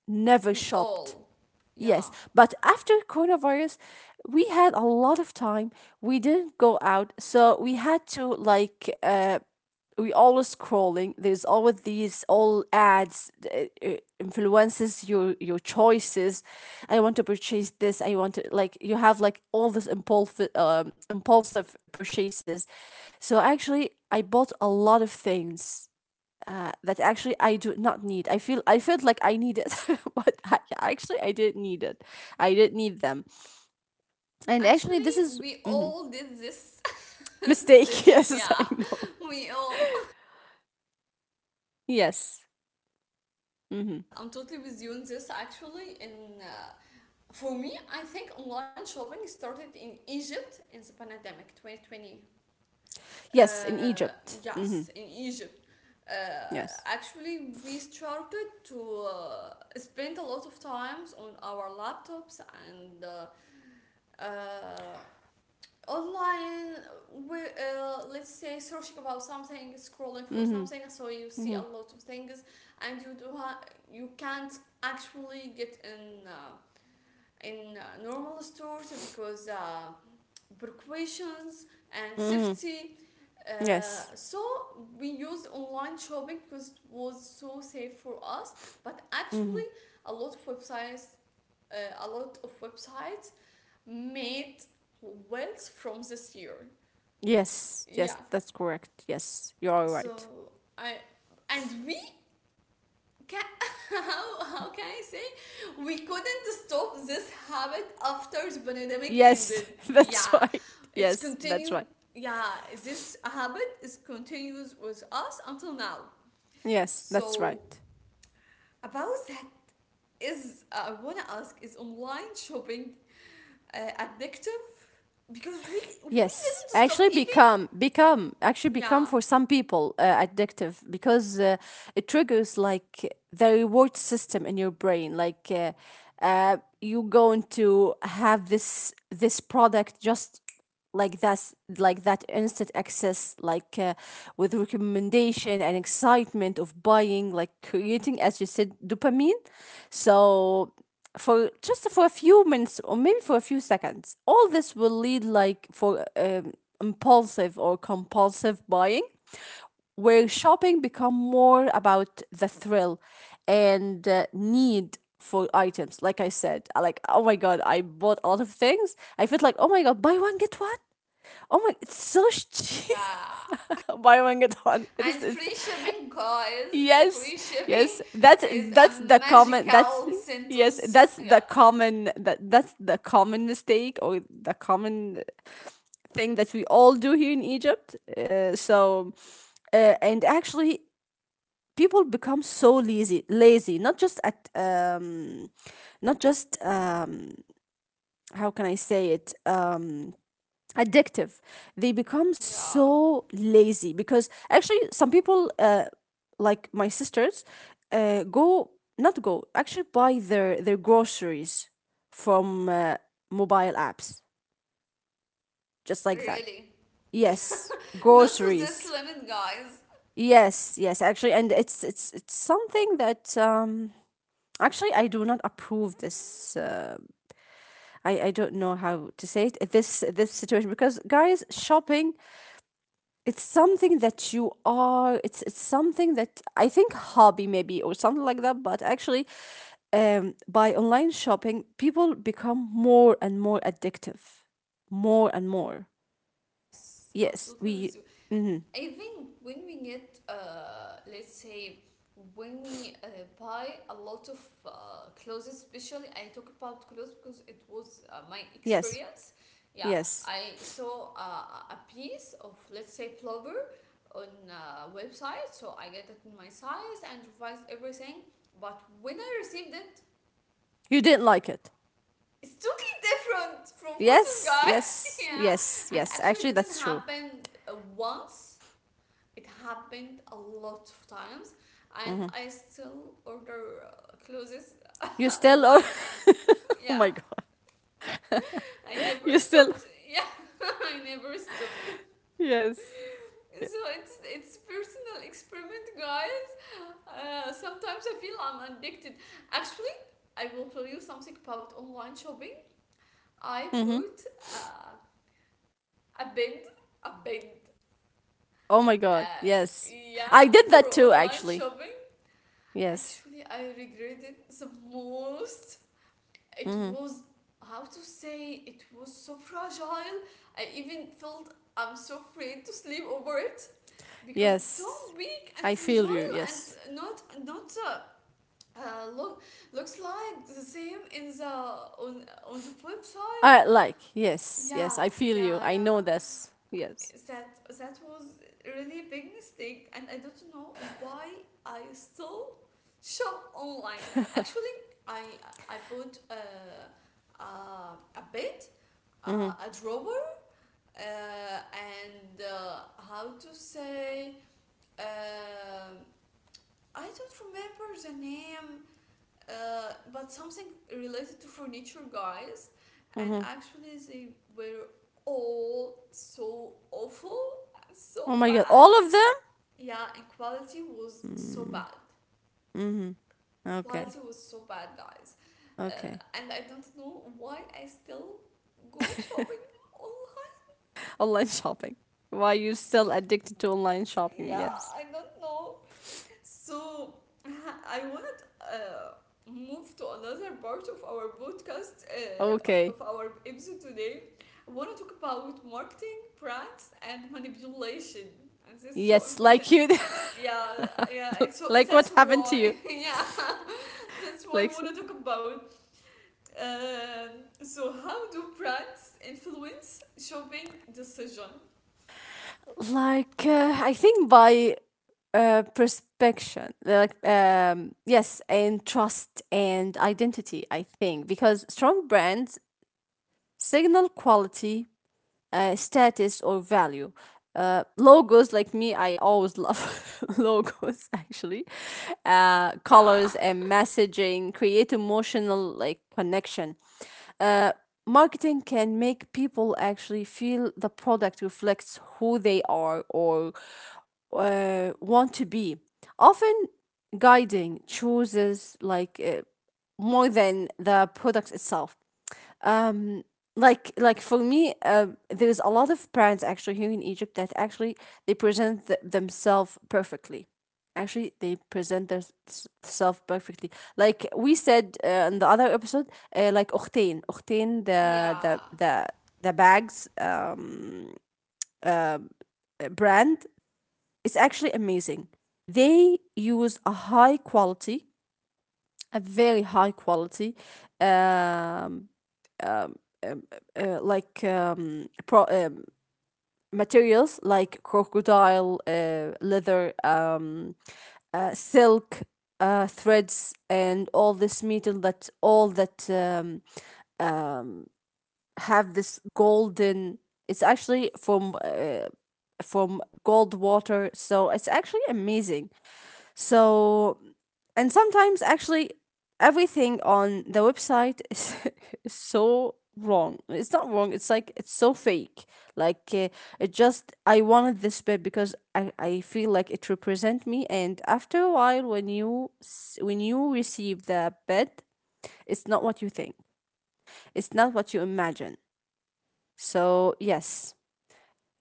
Speaker 2: never
Speaker 1: we
Speaker 2: shopped.
Speaker 1: all.
Speaker 2: Yes,
Speaker 1: Yeah,
Speaker 2: but after coronavirus, we had a lot of time, we didn't go out, so we had to like uh, we always scrolling, there's always these all ads uh, uh, influences your your choices. I want to purchase this, I want to like you have like all this impulsive um, impulsive purchases. So actually, I bought a lot of things uh, that actually I do not need. i feel I felt like I needed, but I, actually, i didn't need it i didn't need them. And actually
Speaker 1: actually,
Speaker 2: this is
Speaker 1: we all did this.
Speaker 2: mistake.
Speaker 1: This,
Speaker 2: Yes,
Speaker 1: yeah,
Speaker 2: I know.
Speaker 1: we all.
Speaker 2: Yes. Hmm.
Speaker 1: Yes, I'm totally with you on this. Actually, in uh, for me, I think online shopping started in Egypt in the pandemic twenty twenty.
Speaker 2: Yes. In
Speaker 1: Uh,
Speaker 2: Egypt. Mm-hmm.
Speaker 1: yes, in Egypt. Uh,
Speaker 2: Yes.
Speaker 1: actually, we started to uh, spend a lot of times on our laptops and uh, uh, online. We uh, let's say searching about something, scrolling for
Speaker 2: Mm-hmm.
Speaker 1: something, so you see a
Speaker 2: Mm-hmm.
Speaker 1: lot of things, and you do ha- you can't actually get in uh, in uh, normal stores because uh, precautions and
Speaker 2: Mm-hmm.
Speaker 1: safety. Uh,
Speaker 2: Yes.
Speaker 1: so we use online shopping because it was so safe for us. But
Speaker 2: Mm-hmm.
Speaker 1: actually, a lot of websites, uh, a lot of websites made wealth from this year.
Speaker 2: Yes. Yes,
Speaker 1: Yeah.
Speaker 2: that's correct. Yes, you are right.
Speaker 1: So I and we Ca how, how can I say? We couldn't stop this habit after the pandemic
Speaker 2: Yes,
Speaker 1: ended.
Speaker 2: that's
Speaker 1: Yeah,
Speaker 2: right.
Speaker 1: it's
Speaker 2: Yes, that's
Speaker 1: continued.
Speaker 2: right.
Speaker 1: Yeah, this habit is continues with us until now.
Speaker 2: Yes, that's
Speaker 1: So
Speaker 2: right.
Speaker 1: about that, is uh, I wanna ask, is online shopping uh, addictive, because we we
Speaker 2: Yes,
Speaker 1: didn't stop
Speaker 2: actually,
Speaker 1: even,
Speaker 2: become become actually become
Speaker 1: yeah,
Speaker 2: for some people uh, addictive, because uh, it triggers like the reward system in your brain. Like uh, uh, you going to have this this product just like that's like that instant access, like uh, with recommendation and excitement of buying, like creating, as you said, dopamine. So for just for a few minutes or maybe for a few seconds, all this will lead like for um, impulsive or compulsive buying, where shopping become more about the thrill and uh, need for items. Like I said, like, oh my god, I bought a lot of things, I felt like, oh my god, buy one get one. Oh my, it's so cheap.
Speaker 1: yeah.
Speaker 2: Buy one get one. It
Speaker 1: And
Speaker 2: is it's
Speaker 1: free shipping, guys, free
Speaker 2: Yes,
Speaker 1: shipping
Speaker 2: yes. That's
Speaker 1: is a
Speaker 2: that's the common that's
Speaker 1: magical
Speaker 2: yes,
Speaker 1: sentence.
Speaker 2: that's the
Speaker 1: Yeah,
Speaker 2: common, that that's the common mistake or the common thing that we all do here in Egypt. Uh, so uh, and actually people become so lazy. Lazy not just at um not just um How can I say it? Um addictive. They become
Speaker 1: yeah,
Speaker 2: so lazy because actually some people uh, like my sisters, uh, go not go actually buy their their groceries from uh, mobile apps, just like that.
Speaker 1: really.
Speaker 2: Yes,
Speaker 1: Not to this
Speaker 2: groceries.
Speaker 1: limit, guys.
Speaker 2: Yes, yes, actually, and it's it's it's something that um actually I do not approve this. uh, i I don't know how to say it, this this situation, because guys, shopping, it's something that you are, it's it's something that I think hobby maybe or something like that, but actually, um by online shopping, people become more and more addictive. More and more.
Speaker 1: Yes, I'm
Speaker 2: Yes,
Speaker 1: totally with
Speaker 2: we
Speaker 1: you.
Speaker 2: mhm.
Speaker 1: I think when we get, uh, let's say, when we uh, buy a lot of uh, clothes, especially I talk about clothes because it was uh, my
Speaker 2: Yes.
Speaker 1: experience. Yeah,
Speaker 2: Yes.
Speaker 1: I saw uh, a piece of, let's say, plover on a website, so I get it in my size and revised everything. But when I received it,
Speaker 2: You didn't like it.
Speaker 1: it's totally different from photos,
Speaker 2: Yes,
Speaker 1: guy.
Speaker 2: yes,
Speaker 1: Yeah,
Speaker 2: yes,
Speaker 1: and
Speaker 2: yes.
Speaker 1: actually,
Speaker 2: Actually
Speaker 1: it didn't
Speaker 2: that's true.
Speaker 1: happen uh, once, it happened a lot of times, and
Speaker 2: Hmm.
Speaker 1: I still order uh, clothes
Speaker 2: You still are.
Speaker 1: online.
Speaker 2: Oh
Speaker 1: Yeah,
Speaker 2: my god.
Speaker 1: I never
Speaker 2: You still.
Speaker 1: stopped. Yeah, I never stopped.
Speaker 2: Yes. Yeah.
Speaker 1: So it's it's personal experiment, guys. Uh, sometimes I feel I'm addicted. Actually, I will tell you something about online shopping. I
Speaker 2: Mm-hmm.
Speaker 1: bought uh, a bed, a bed.
Speaker 2: Oh my god.
Speaker 1: Uh,
Speaker 2: Yes.
Speaker 1: yeah,
Speaker 2: I did that
Speaker 1: through
Speaker 2: too,
Speaker 1: online
Speaker 2: actually.
Speaker 1: shopping.
Speaker 2: Yes.
Speaker 1: Actually, I regretted the most. It
Speaker 2: Hmm.
Speaker 1: was, how to say, it was so fragile. I even felt I'm so afraid to sleep over it because it's so
Speaker 2: Yes.
Speaker 1: weak and
Speaker 2: I
Speaker 1: fragile,
Speaker 2: feel you. Yes.
Speaker 1: and not not uh, uh, look looks like the same in the on, on the website.
Speaker 2: I like. Yes.
Speaker 1: Yeah,
Speaker 2: Yes. I feel
Speaker 1: yeah,
Speaker 2: you. I know
Speaker 1: yeah,
Speaker 2: this. Yes.
Speaker 1: that that was really a big mistake, and I don't know why I still shop online. Actually, i i bought uh, uh, a bed, uh,
Speaker 2: Hmm.
Speaker 1: a drawer, uh, and uh, how to say, um I don't remember the name, uh, but something related to furniture, guys. And
Speaker 2: Hmm.
Speaker 1: actually, they were all so awful,
Speaker 2: Oh
Speaker 1: so
Speaker 2: my God.
Speaker 1: bad.
Speaker 2: All of them?
Speaker 1: Yeah, and quality was so
Speaker 2: Mm.
Speaker 1: bad,
Speaker 2: Hmm. Okay.
Speaker 1: quality was so bad, guys.
Speaker 2: Okay.
Speaker 1: Uh, and I don't know why I still go shopping online.
Speaker 2: Online shopping. Why you still addicted to online shopping? Yes.
Speaker 1: Yeah, I don't know. So I wanted uh, move to another part of our podcast, uh, of
Speaker 2: Okay.
Speaker 1: our episode today. I want to talk about marketing, brands, and manipulation, and this is so
Speaker 2: Yes.
Speaker 1: important.
Speaker 2: Like you.
Speaker 1: Yeah, yeah. It's so,
Speaker 2: Like
Speaker 1: that's
Speaker 2: what happened
Speaker 1: why.
Speaker 2: to you?
Speaker 1: Yeah, that's why I
Speaker 2: Like.
Speaker 1: want to
Speaker 2: so-
Speaker 1: talk about. Um, so how do brands influence shopping decision?
Speaker 2: Like uh, I think by uh, perspection like um, yes, and trust and identity, I think, because strong brands signal quality, uh, status, or value. Uh, logos, like me, I always love logos, actually. Uh,
Speaker 1: Yeah.
Speaker 2: colors and messaging create emotional like connection. Uh, Marketing can make people actually feel the product reflects who they are or uh, want to be. Often, guiding chooses like uh, more than the product itself. Um, like like for me um, there's a lot of brands actually here in egypt that actually they present th- themselves perfectly, actually they present themselves perfectly, like we said uh, in the other episode, uh, like Octane Octane the
Speaker 1: Yeah.
Speaker 2: the the the bags um, uh, brand is actually amazing. They use a high quality, a very high quality, um, um, um, uh, like um, pro, um, materials like crocodile uh, leather, um, uh, silk, uh, threads, and all this metal that all that um, have this golden. It's actually from uh, from gold water, so it's actually amazing. So And sometimes, actually, everything on the website is so wrong. It's not wrong, it's like it's so fake. Like, uh, it just, I wanted this bed because I, I feel like it represent me. And after a while, when you, s- when you receive the bed, it's not what you think, it's not what you imagine. So, yes,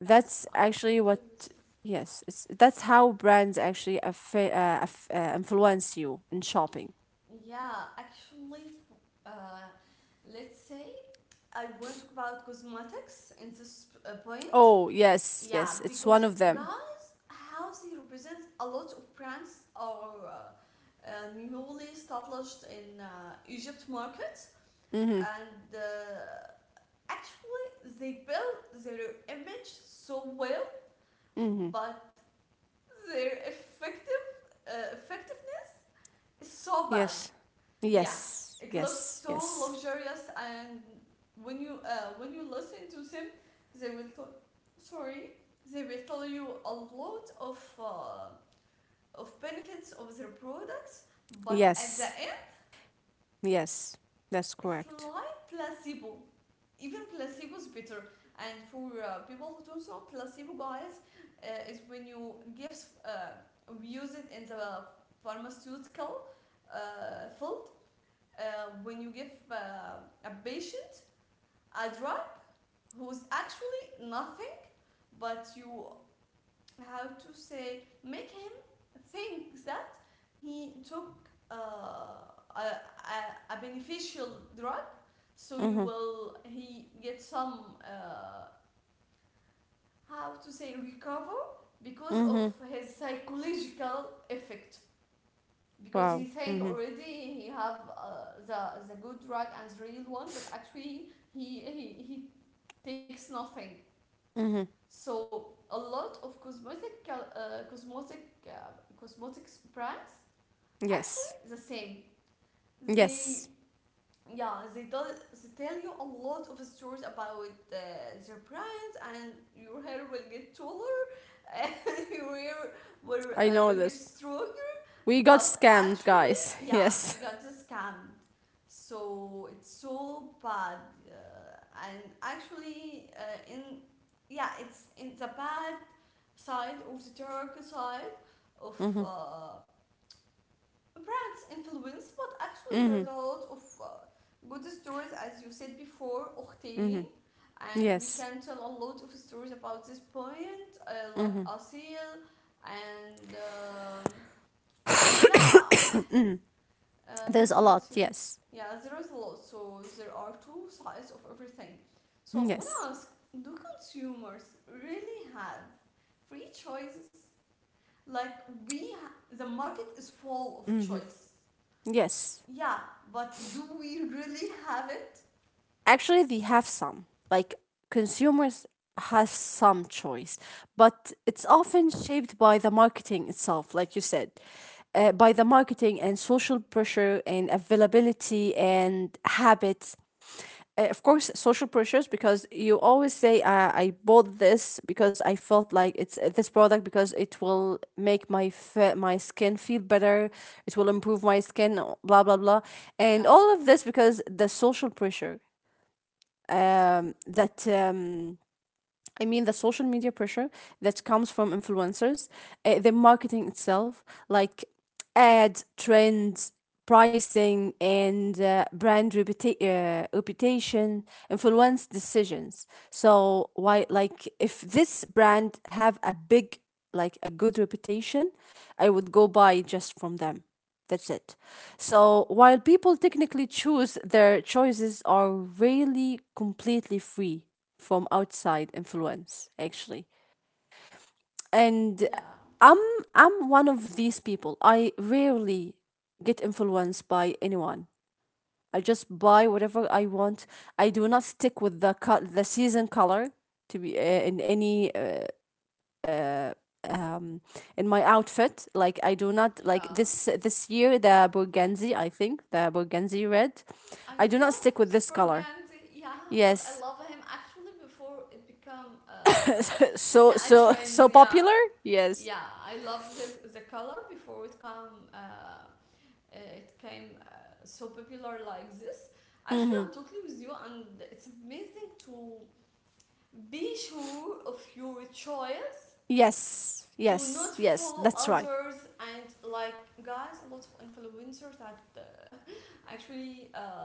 Speaker 2: that's
Speaker 1: I'm
Speaker 2: actually what.
Speaker 1: totally with you.
Speaker 2: Yes, it's that's how brands actually affa- uh, aff- uh, influence you in shopping.
Speaker 1: Yeah, actually, f- uh, let's say I want to talk about cosmetics in this uh, point.
Speaker 2: Oh, yes,
Speaker 1: Yeah,
Speaker 2: yes, it's one
Speaker 1: because
Speaker 2: of them.
Speaker 1: guys, how they represent, a lot of brands are uh, uh, newly established in uh, Egypt market,
Speaker 2: Mhm.
Speaker 1: and uh, actually they build their image so well,
Speaker 2: Mhm.
Speaker 1: but their effective uh, effectiveness is so bad.
Speaker 2: Yes.
Speaker 1: Yeah,
Speaker 2: Yes.
Speaker 1: it looks
Speaker 2: Yes.
Speaker 1: so
Speaker 2: Yes.
Speaker 1: luxurious, and when you uh, when you listen to them, they will t- sorry, they will tell you a lot of uh, of benefits of their products, but at the
Speaker 2: Yes.
Speaker 1: end,
Speaker 2: Yes. That's
Speaker 1: it's
Speaker 2: correct.
Speaker 1: like placebo. Even placebo is better. And for uh, people who don't know, placebo, guys, uh, is when you give, uh, we use it in the pharmaceutical uh, field, uh, when you give uh, a patient a drug who's actually nothing, but you have to say, make him think that he took uh, a, a, a beneficial drug, so you
Speaker 2: Mhm.
Speaker 1: will he get some uh, how to say, recover because of
Speaker 2: Mhm.
Speaker 1: his psychological effect, because he
Speaker 2: Wow.
Speaker 1: think
Speaker 2: Mhm.
Speaker 1: already he have uh, the the good drug and the real one, but actually he he, he takes nothing.
Speaker 2: Mhm.
Speaker 1: So a lot of cosmetic uh, cosmetic uh, cosmetics brands actually
Speaker 2: Yes.
Speaker 1: the same. They,
Speaker 2: Yes.
Speaker 1: yeah, they tell, they tell you a lot of stories about uh, their brands, and your hair will get taller and your hair will
Speaker 2: I
Speaker 1: uh,
Speaker 2: know
Speaker 1: will get
Speaker 2: this.
Speaker 1: stronger.
Speaker 2: We got
Speaker 1: But
Speaker 2: scammed,
Speaker 1: actually,
Speaker 2: guys.
Speaker 1: yeah, we
Speaker 2: Yes.
Speaker 1: got the scam. So it's so bad, uh, and actually, uh, in yeah, it's in the bad side of the dark side of
Speaker 2: Mhm.
Speaker 1: uh, brands influence. But actually, there's a
Speaker 2: Mhm.
Speaker 1: lot of uh, good stories, as you said before, Octane,
Speaker 2: Mhm.
Speaker 1: and we
Speaker 2: Yes.
Speaker 1: can tell a lot of stories about this point, uh, like
Speaker 2: Mhm.
Speaker 1: Asil and um, yeah.
Speaker 2: Mhm.
Speaker 1: Uh, God
Speaker 2: There's a
Speaker 1: bless
Speaker 2: lot.
Speaker 1: you.
Speaker 2: Yes.
Speaker 1: Yeah, there is a lot, so there are two sides of everything. So
Speaker 2: Mm,
Speaker 1: I want to
Speaker 2: yes.
Speaker 1: ask, do consumers really have free choices? Like, we, ha- the market is full of choice.
Speaker 2: Yes.
Speaker 1: Yeah, but do we really have it?
Speaker 2: Actually they have some, like, consumers has some choice, but it's often shaped by the marketing itself, like you said, uh, by the marketing and social pressure and availability and habits. Uh, of course social pressures, because you always say, uh, I bought this because I felt like it's uh, this product because it will make my fe- my skin feel better, it will improve my skin, oh, blah blah blah, and
Speaker 1: Yeah,
Speaker 2: all of this because the social pressure, that um, I mean the social media pressure that comes from influencers, uh, the marketing itself, like ad trends, pricing, and uh, brand reputa- uh, reputation influence decisions. So why, like, if this brand have a big, like a good reputation, I would go buy just from them. That's it. So while people technically choose, their choices are really completely free from outside influence actually. And
Speaker 1: yeah,
Speaker 2: i'm i'm one of these people. I rarely get influenced by anyone. I just buy whatever I want. I do not stick with the co- the season color to be uh, in any, uh, in my outfit. Like, I do not like
Speaker 1: yeah.
Speaker 2: this this year the burgundy, I think the burgundy red,
Speaker 1: I
Speaker 2: I do not
Speaker 1: love
Speaker 2: stick with this
Speaker 1: Super
Speaker 2: color.
Speaker 1: Gandhi, yeah, but I
Speaker 2: Yes,
Speaker 1: love him actually before it became uh,
Speaker 2: so
Speaker 1: a
Speaker 2: so
Speaker 1: trend,
Speaker 2: so
Speaker 1: yeah.
Speaker 2: popular, yes.
Speaker 1: Yeah, I love this the color before it come uh, uh, it came uh, so popular like this. Actually,
Speaker 2: Mm-hmm.
Speaker 1: I'm totally with you, and it's amazing to be sure of your choice,
Speaker 2: Yes,
Speaker 1: to
Speaker 2: yes,
Speaker 1: not
Speaker 2: yes,
Speaker 1: follow
Speaker 2: that's right.
Speaker 1: others. And like, guys, a lot of influencers that uh, actually uh,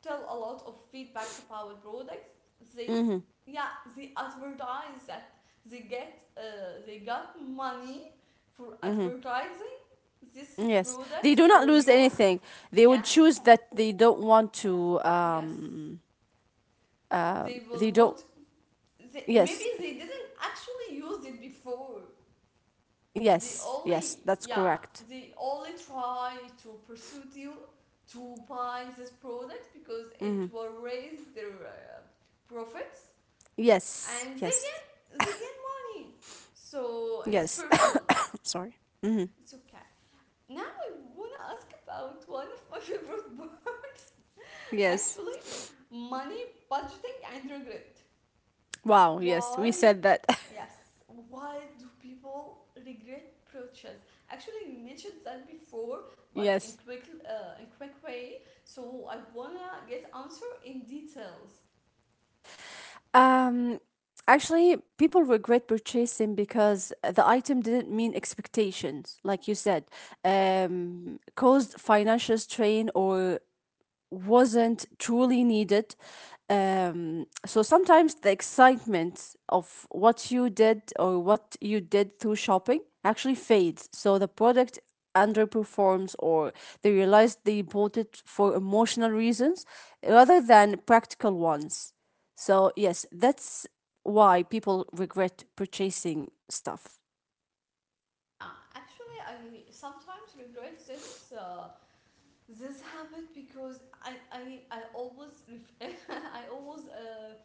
Speaker 1: tell a lot of feedbacks about products. They,
Speaker 2: Hmm.
Speaker 1: yeah, they advertise that they get, uh, they got money for
Speaker 2: Hmm.
Speaker 1: advertising this
Speaker 2: Yes, they
Speaker 1: product
Speaker 2: do not
Speaker 1: for
Speaker 2: lose
Speaker 1: you.
Speaker 2: anything. They would
Speaker 1: Yes,
Speaker 2: choose that they don't want to.
Speaker 1: yes,
Speaker 2: Um, uh,
Speaker 1: they
Speaker 2: they
Speaker 1: will
Speaker 2: don't.
Speaker 1: not. They, maybe
Speaker 2: Yes,
Speaker 1: they didn't actually use it before. They
Speaker 2: yes, yes,
Speaker 1: only,
Speaker 2: that's
Speaker 1: yeah,
Speaker 2: correct.
Speaker 1: they only try to pursue you to buy this product because
Speaker 2: Hmm.
Speaker 1: it will raise their uh, profits.
Speaker 2: Yes,
Speaker 1: And they
Speaker 2: yes,
Speaker 1: get money. So it's
Speaker 2: yes.
Speaker 1: personal.
Speaker 2: Sorry. Hmm.
Speaker 1: It's okay. Now I wanna ask about one of my favorite words.
Speaker 2: Yes.
Speaker 1: Actually, money, budgeting and regret.
Speaker 2: Wow. Yes, we
Speaker 1: Why,
Speaker 2: said that.
Speaker 1: yes. Why do people regret purchase? Actually, you mentioned that before, but in
Speaker 2: Yes.
Speaker 1: quick, uh, in quick way. So I wanna get answer in details.
Speaker 2: Um, Actually, people regret purchasing because the item didn't meet expectations, like you said, um, caused financial strain or wasn't truly needed. Um, so sometimes the excitement of what you did or what you did through shopping actually fades. So the product underperforms, or they realize they bought it for emotional reasons rather than practical ones. So, yes, that's why people regret purchasing stuff.
Speaker 1: Uh, actually, I sometimes regret this. Uh, this happened because I I, I always I always uh,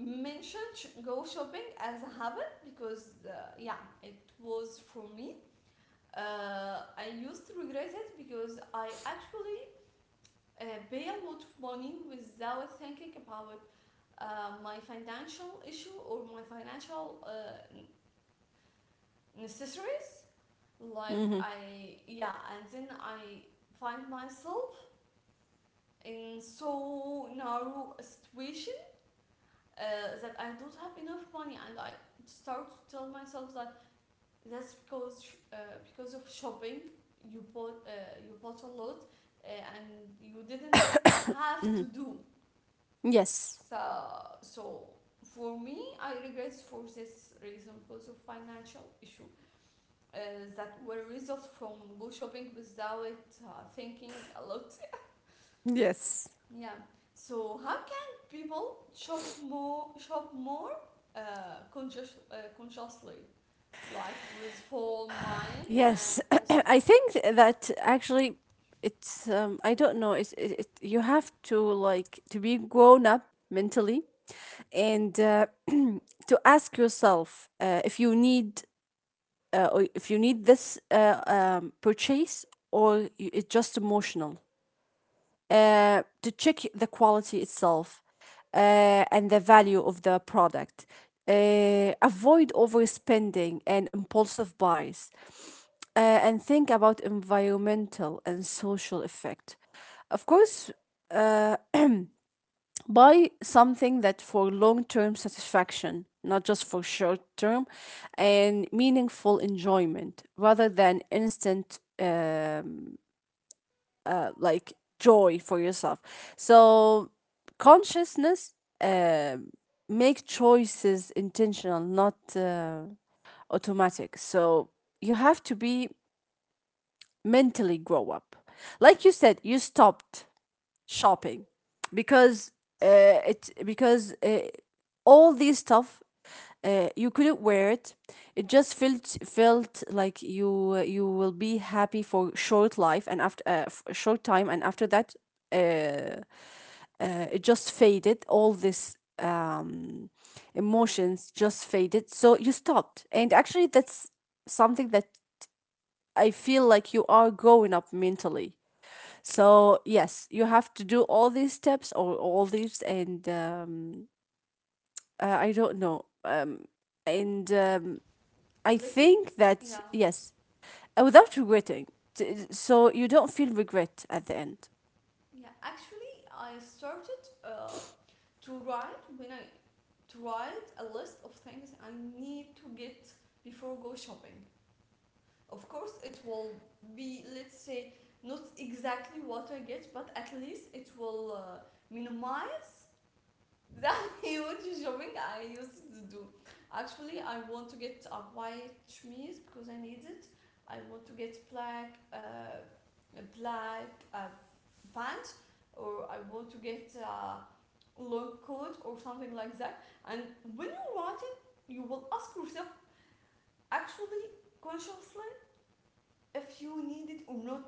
Speaker 1: mention sh- go shopping as a habit because, uh, yeah, it was for me. Uh, I used to regret it because I actually uh, pay a lot of money without thinking about uh, my financial issue or my financial uh, n- necessities. Like
Speaker 2: Mm-hmm,
Speaker 1: I yeah, and then I find myself in so narrow a situation, uh, that I don't have enough money, and I start to tell myself that that's because sh- uh, because of shopping you bought uh, you bought a lot, uh, and you didn't have
Speaker 2: mm-hmm.
Speaker 1: to do.
Speaker 2: Yes.
Speaker 1: So so for me I regret for this reason because of financial issue uh, that were result from go shopping without uh, thinking a lot.
Speaker 2: Yes.
Speaker 1: Yeah. So how can people shop more shop more uh, conscious, uh, consciously, like with full mind and
Speaker 2: Yes,
Speaker 1: full think?
Speaker 2: I think that actually it's um, I don't know, it's it, it you have to like to be grown up mentally, and uh, to ask yourself uh, if you need, uh, or if you need this uh, um, purchase, or y- it's just emotional, uh, to check the quality itself, uh, and the value of the product. Uh, avoid overspending and impulsive buys. Uh, and think about environmental and social effect. Of course, buy something that for long term satisfaction, not just for short term, and meaningful enjoyment rather than instant. Uh, like joy for yourself. So consciousness, uh, make choices intentional, not uh, automatic. So you have to be mentally grow up. Like you said, you stopped shopping because, uh, it because uh, all these stuff, uh, you couldn't wear it. It just felt felt like you you will be happy for short life and after, uh, f- short time, and after that it just faded. All this um, emotions just faded, so you stopped, and actually that's something that I feel like you are growing up mentally. So yes, you have to do all these steps or all these and um, uh, I don't know, um, and um, I
Speaker 1: Let me.
Speaker 2: think
Speaker 1: Yeah.
Speaker 2: that yes, uh, without regretting. T- so you don't feel regret at the end.
Speaker 1: Yeah. Actually, I started uh, to write when I to write a list of things I need to get before go shopping. Of course, it will be, let's say, not exactly what I get, but at least it will uh, minimize that huge shopping I used to do. Actually, I want to get a white chemise because I need it. I want to get black, uh, a black, uh, pants, or I want to get a long coat or something like that. And when you write it, you will ask yourself actually consciously if you need it or not,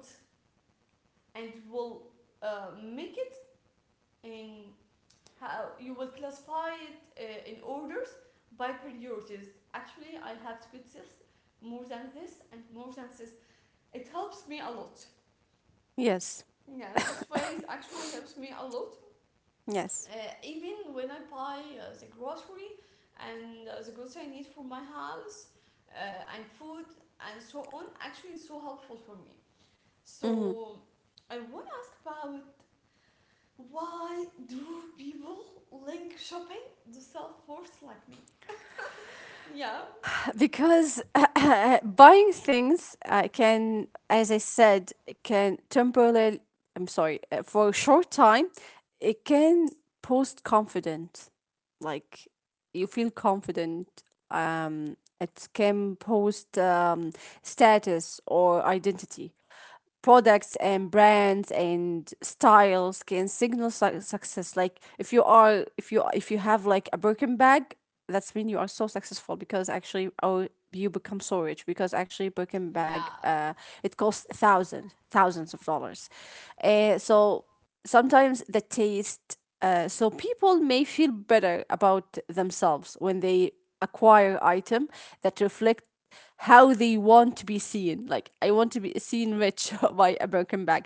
Speaker 1: and will uh, make it in. How you will classify it, uh, in orders, by priorities. Actually, I have to put this more than this and more than this. It helps me a lot.
Speaker 2: Yes.
Speaker 1: Yeah, this way actually helps me a lot.
Speaker 2: Yes.
Speaker 1: Uh, even when I buy, uh, the grocery, and uh, the grocery I need for my house, uh, and food and so on, actually it's so helpful for me.
Speaker 2: Hmm.
Speaker 1: So I want to ask about, why do people link shopping to self-worth like me? Yeah.
Speaker 2: Because buying things uh, can, as I said, it can temporarily, I'm sorry, uh, for a short time, it can boost confidence. Like, you feel confident. Um, it can post um, status or identity. Products and brands and styles can signal su- success. Like, if you are, if you, if you have like a Birkin bag, that's mean you are so successful, because actually, or you become so rich, because actually Birkin bag
Speaker 1: Yeah.
Speaker 2: uh it costs thousands thousands of dollars, uh so sometimes the taste. Uh, so people may feel better about themselves when they acquire item that reflect how they want to be seen. Like, I want to be seen rich by a broken bag,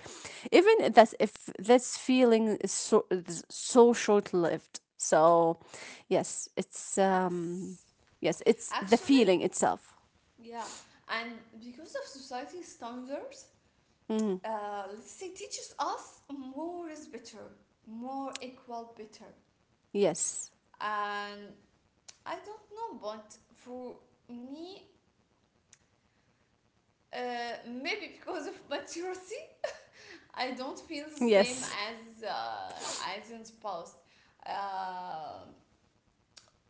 Speaker 2: even that's if this feeling is so so short lived. So, yes, it's um,
Speaker 1: Yes.
Speaker 2: yes, it's the
Speaker 1: Actually,
Speaker 2: feeling itself.
Speaker 1: yeah. And because of society standards, uh, let's say, teaches us more is better, more equal better.
Speaker 2: Yes,
Speaker 1: And I don't know, but for me, uh, maybe because of maturity, I don't feel the same
Speaker 2: yes.
Speaker 1: as uh, as in past. Uh,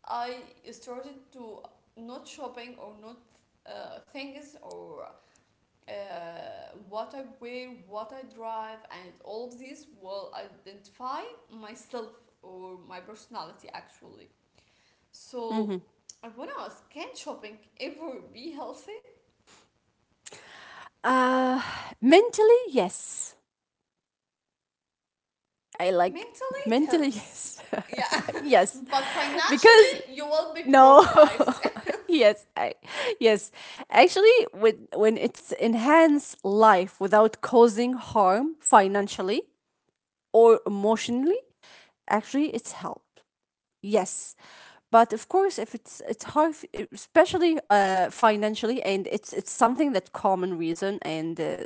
Speaker 1: I started to not shopping or not, uh, things or uh, what I wear, what I drive, and all of this will identify myself or my personality actually.
Speaker 2: Mm-hmm.
Speaker 1: So I wanna ask, can shopping ever be healthy?
Speaker 2: Uh, Mentally, yes. I like
Speaker 1: Mentally, it
Speaker 2: mentally
Speaker 1: helps.
Speaker 2: yes,
Speaker 1: Yeah.
Speaker 2: yes,
Speaker 1: But financially,
Speaker 2: because
Speaker 1: you will be
Speaker 2: no,
Speaker 1: broke, guys.
Speaker 2: yes, I, yes. Actually, with when it's enhance life without causing harm financially or emotionally, actually it's help. Yes. But of course, if it's it's hard, f- especially uh, financially, and it's it's something that common reason and uh,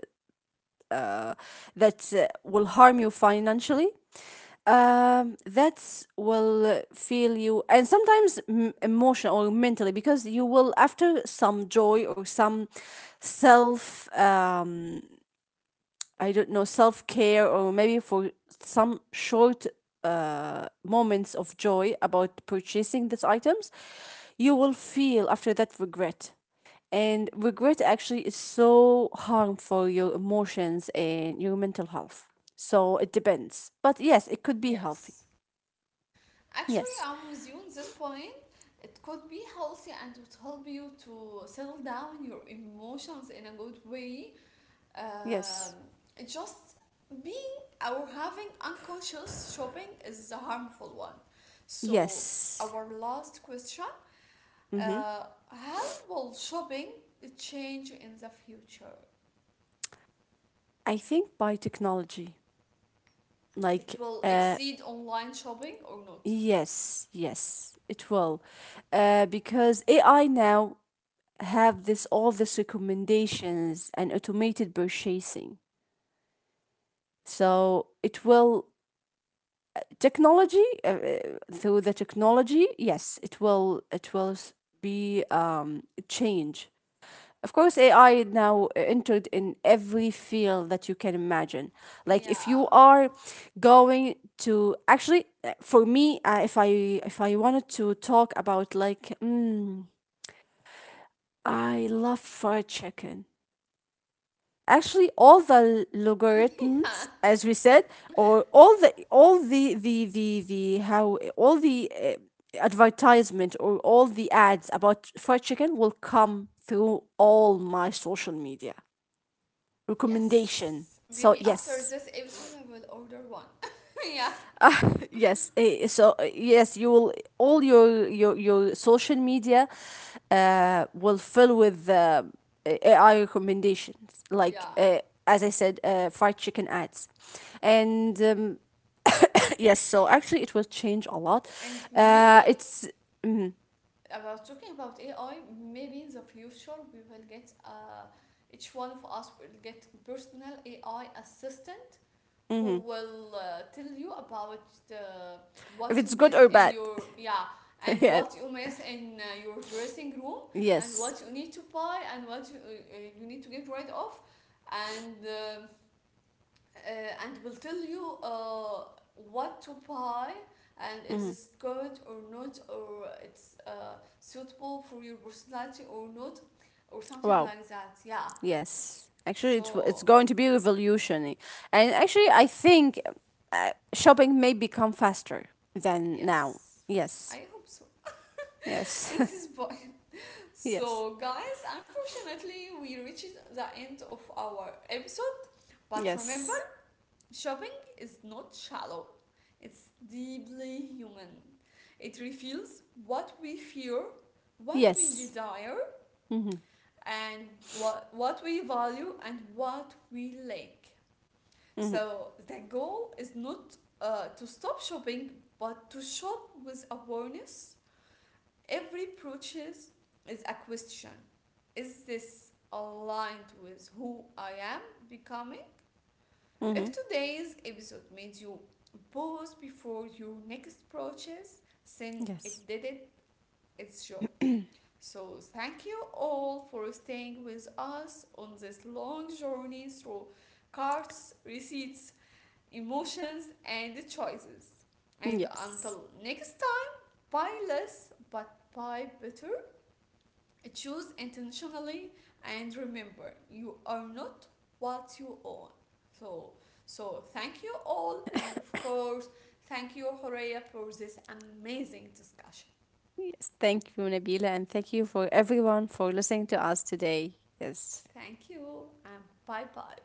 Speaker 2: uh, that uh, will harm you financially, um, that's will feel you, and sometimes m- emotional or mentally, because you will after some joy or some self, um, I don't know, self care, or maybe for some short moments of joy about purchasing these items, you will feel after that regret. And regret actually is so harmful for your emotions and your mental health. So it depends. But yes, it could be healthy.
Speaker 1: Yes. Actually,
Speaker 2: Yes.
Speaker 1: I'm with you on this point. It could be healthy and would help you to settle down your emotions in a good way.
Speaker 2: Yes.
Speaker 1: Um, just being or having unconscious shopping is a harmful one. So,
Speaker 2: Yes.
Speaker 1: our last question,
Speaker 2: Mm-hmm.
Speaker 1: uh, how will shopping change in the future?
Speaker 2: I think by technology,
Speaker 1: It
Speaker 2: like,
Speaker 1: will
Speaker 2: uh,
Speaker 1: exceed online shopping or not?
Speaker 2: yes, yes, it will, uh, because A I now have this all these recommendations and automated purchasing. So it will technology, uh, uh, through the technology, yes, it will it will s- be um change. Of course, A I now uh, entered in every field that you can imagine. Like, if you
Speaker 1: Yeah.
Speaker 2: are going to actually, uh, for me, uh, if I, if I wanted to talk about, like, mm, I love fried chicken. Actually, all the
Speaker 1: Yeah.
Speaker 2: logarithms, as we said, or all the all the the the the how all the uh, advertisement or all the ads about fried chicken will come through all my social media recommendation.
Speaker 1: Yes.
Speaker 2: So
Speaker 1: Maybe after
Speaker 2: yes,
Speaker 1: this episode, I will order one. Yeah.
Speaker 2: yes. eh, So eh, yes, you will all your your your social media, uh, will fill with uh, eh, A I recommendations. Like
Speaker 1: Yeah.
Speaker 2: uh, as I said, uh, fried chicken ads, and um, yes. So actually, it will change a lot.
Speaker 1: And maybe
Speaker 2: Uh, it's
Speaker 1: about talking about A I, maybe in the future we will get, uh, each one of us will get personal A I assistant who
Speaker 2: Mhm.
Speaker 1: will uh, tell you about the,
Speaker 2: If
Speaker 1: what you
Speaker 2: it's good
Speaker 1: miss
Speaker 2: or
Speaker 1: in
Speaker 2: bad.
Speaker 1: your, yeah, and
Speaker 2: Yeah.
Speaker 1: what you miss in uh, your dressing room, and
Speaker 2: Yes.
Speaker 1: what you need to buy, and what you, uh, uh, you need to get rid of, and uh, uh, and will tell you uh, what to buy and if
Speaker 2: Mhm.
Speaker 1: it's good or not, or it's uh, suitable for your personality or not, or something
Speaker 2: Wow.
Speaker 1: like that, yeah.
Speaker 2: Yes, actually, it's it's
Speaker 1: So
Speaker 2: going to be revolutionary, and actually, I think uh, shopping may become faster than now.
Speaker 1: yes, I
Speaker 2: Yes,
Speaker 1: hope so. In
Speaker 2: yes,
Speaker 1: this point.
Speaker 2: yes,
Speaker 1: So guys, unfortunately we reached the end of our episode. But remember,
Speaker 2: yes,
Speaker 1: shopping is not shallow, it's deeply human. It reveals what we fear, what we
Speaker 2: yes.
Speaker 1: desire,
Speaker 2: Mhm,
Speaker 1: and what, what we value and what we lack.
Speaker 2: mhm,
Speaker 1: So, the goal is not uh, to stop shopping, but to shop with awareness. Every purchase is a question. Is this aligned with who I am becoming? If
Speaker 2: mhm.
Speaker 1: today's episode made you pause before your next purchase, then
Speaker 2: Yes,
Speaker 1: it did it its job. So thank you all for staying with us on this long journey through cards, receipts, emotions, and choices. And
Speaker 2: yes,
Speaker 1: until next time, buy less but buy better. Choose intentionally, and remember, you are not what you own. So so thank you all, and of course, thank you Horea for this amazing discussion.
Speaker 2: yes. Thank you, Nabila, and thank you for everyone for listening to us today. Yes.
Speaker 1: Thank you, and bye bye.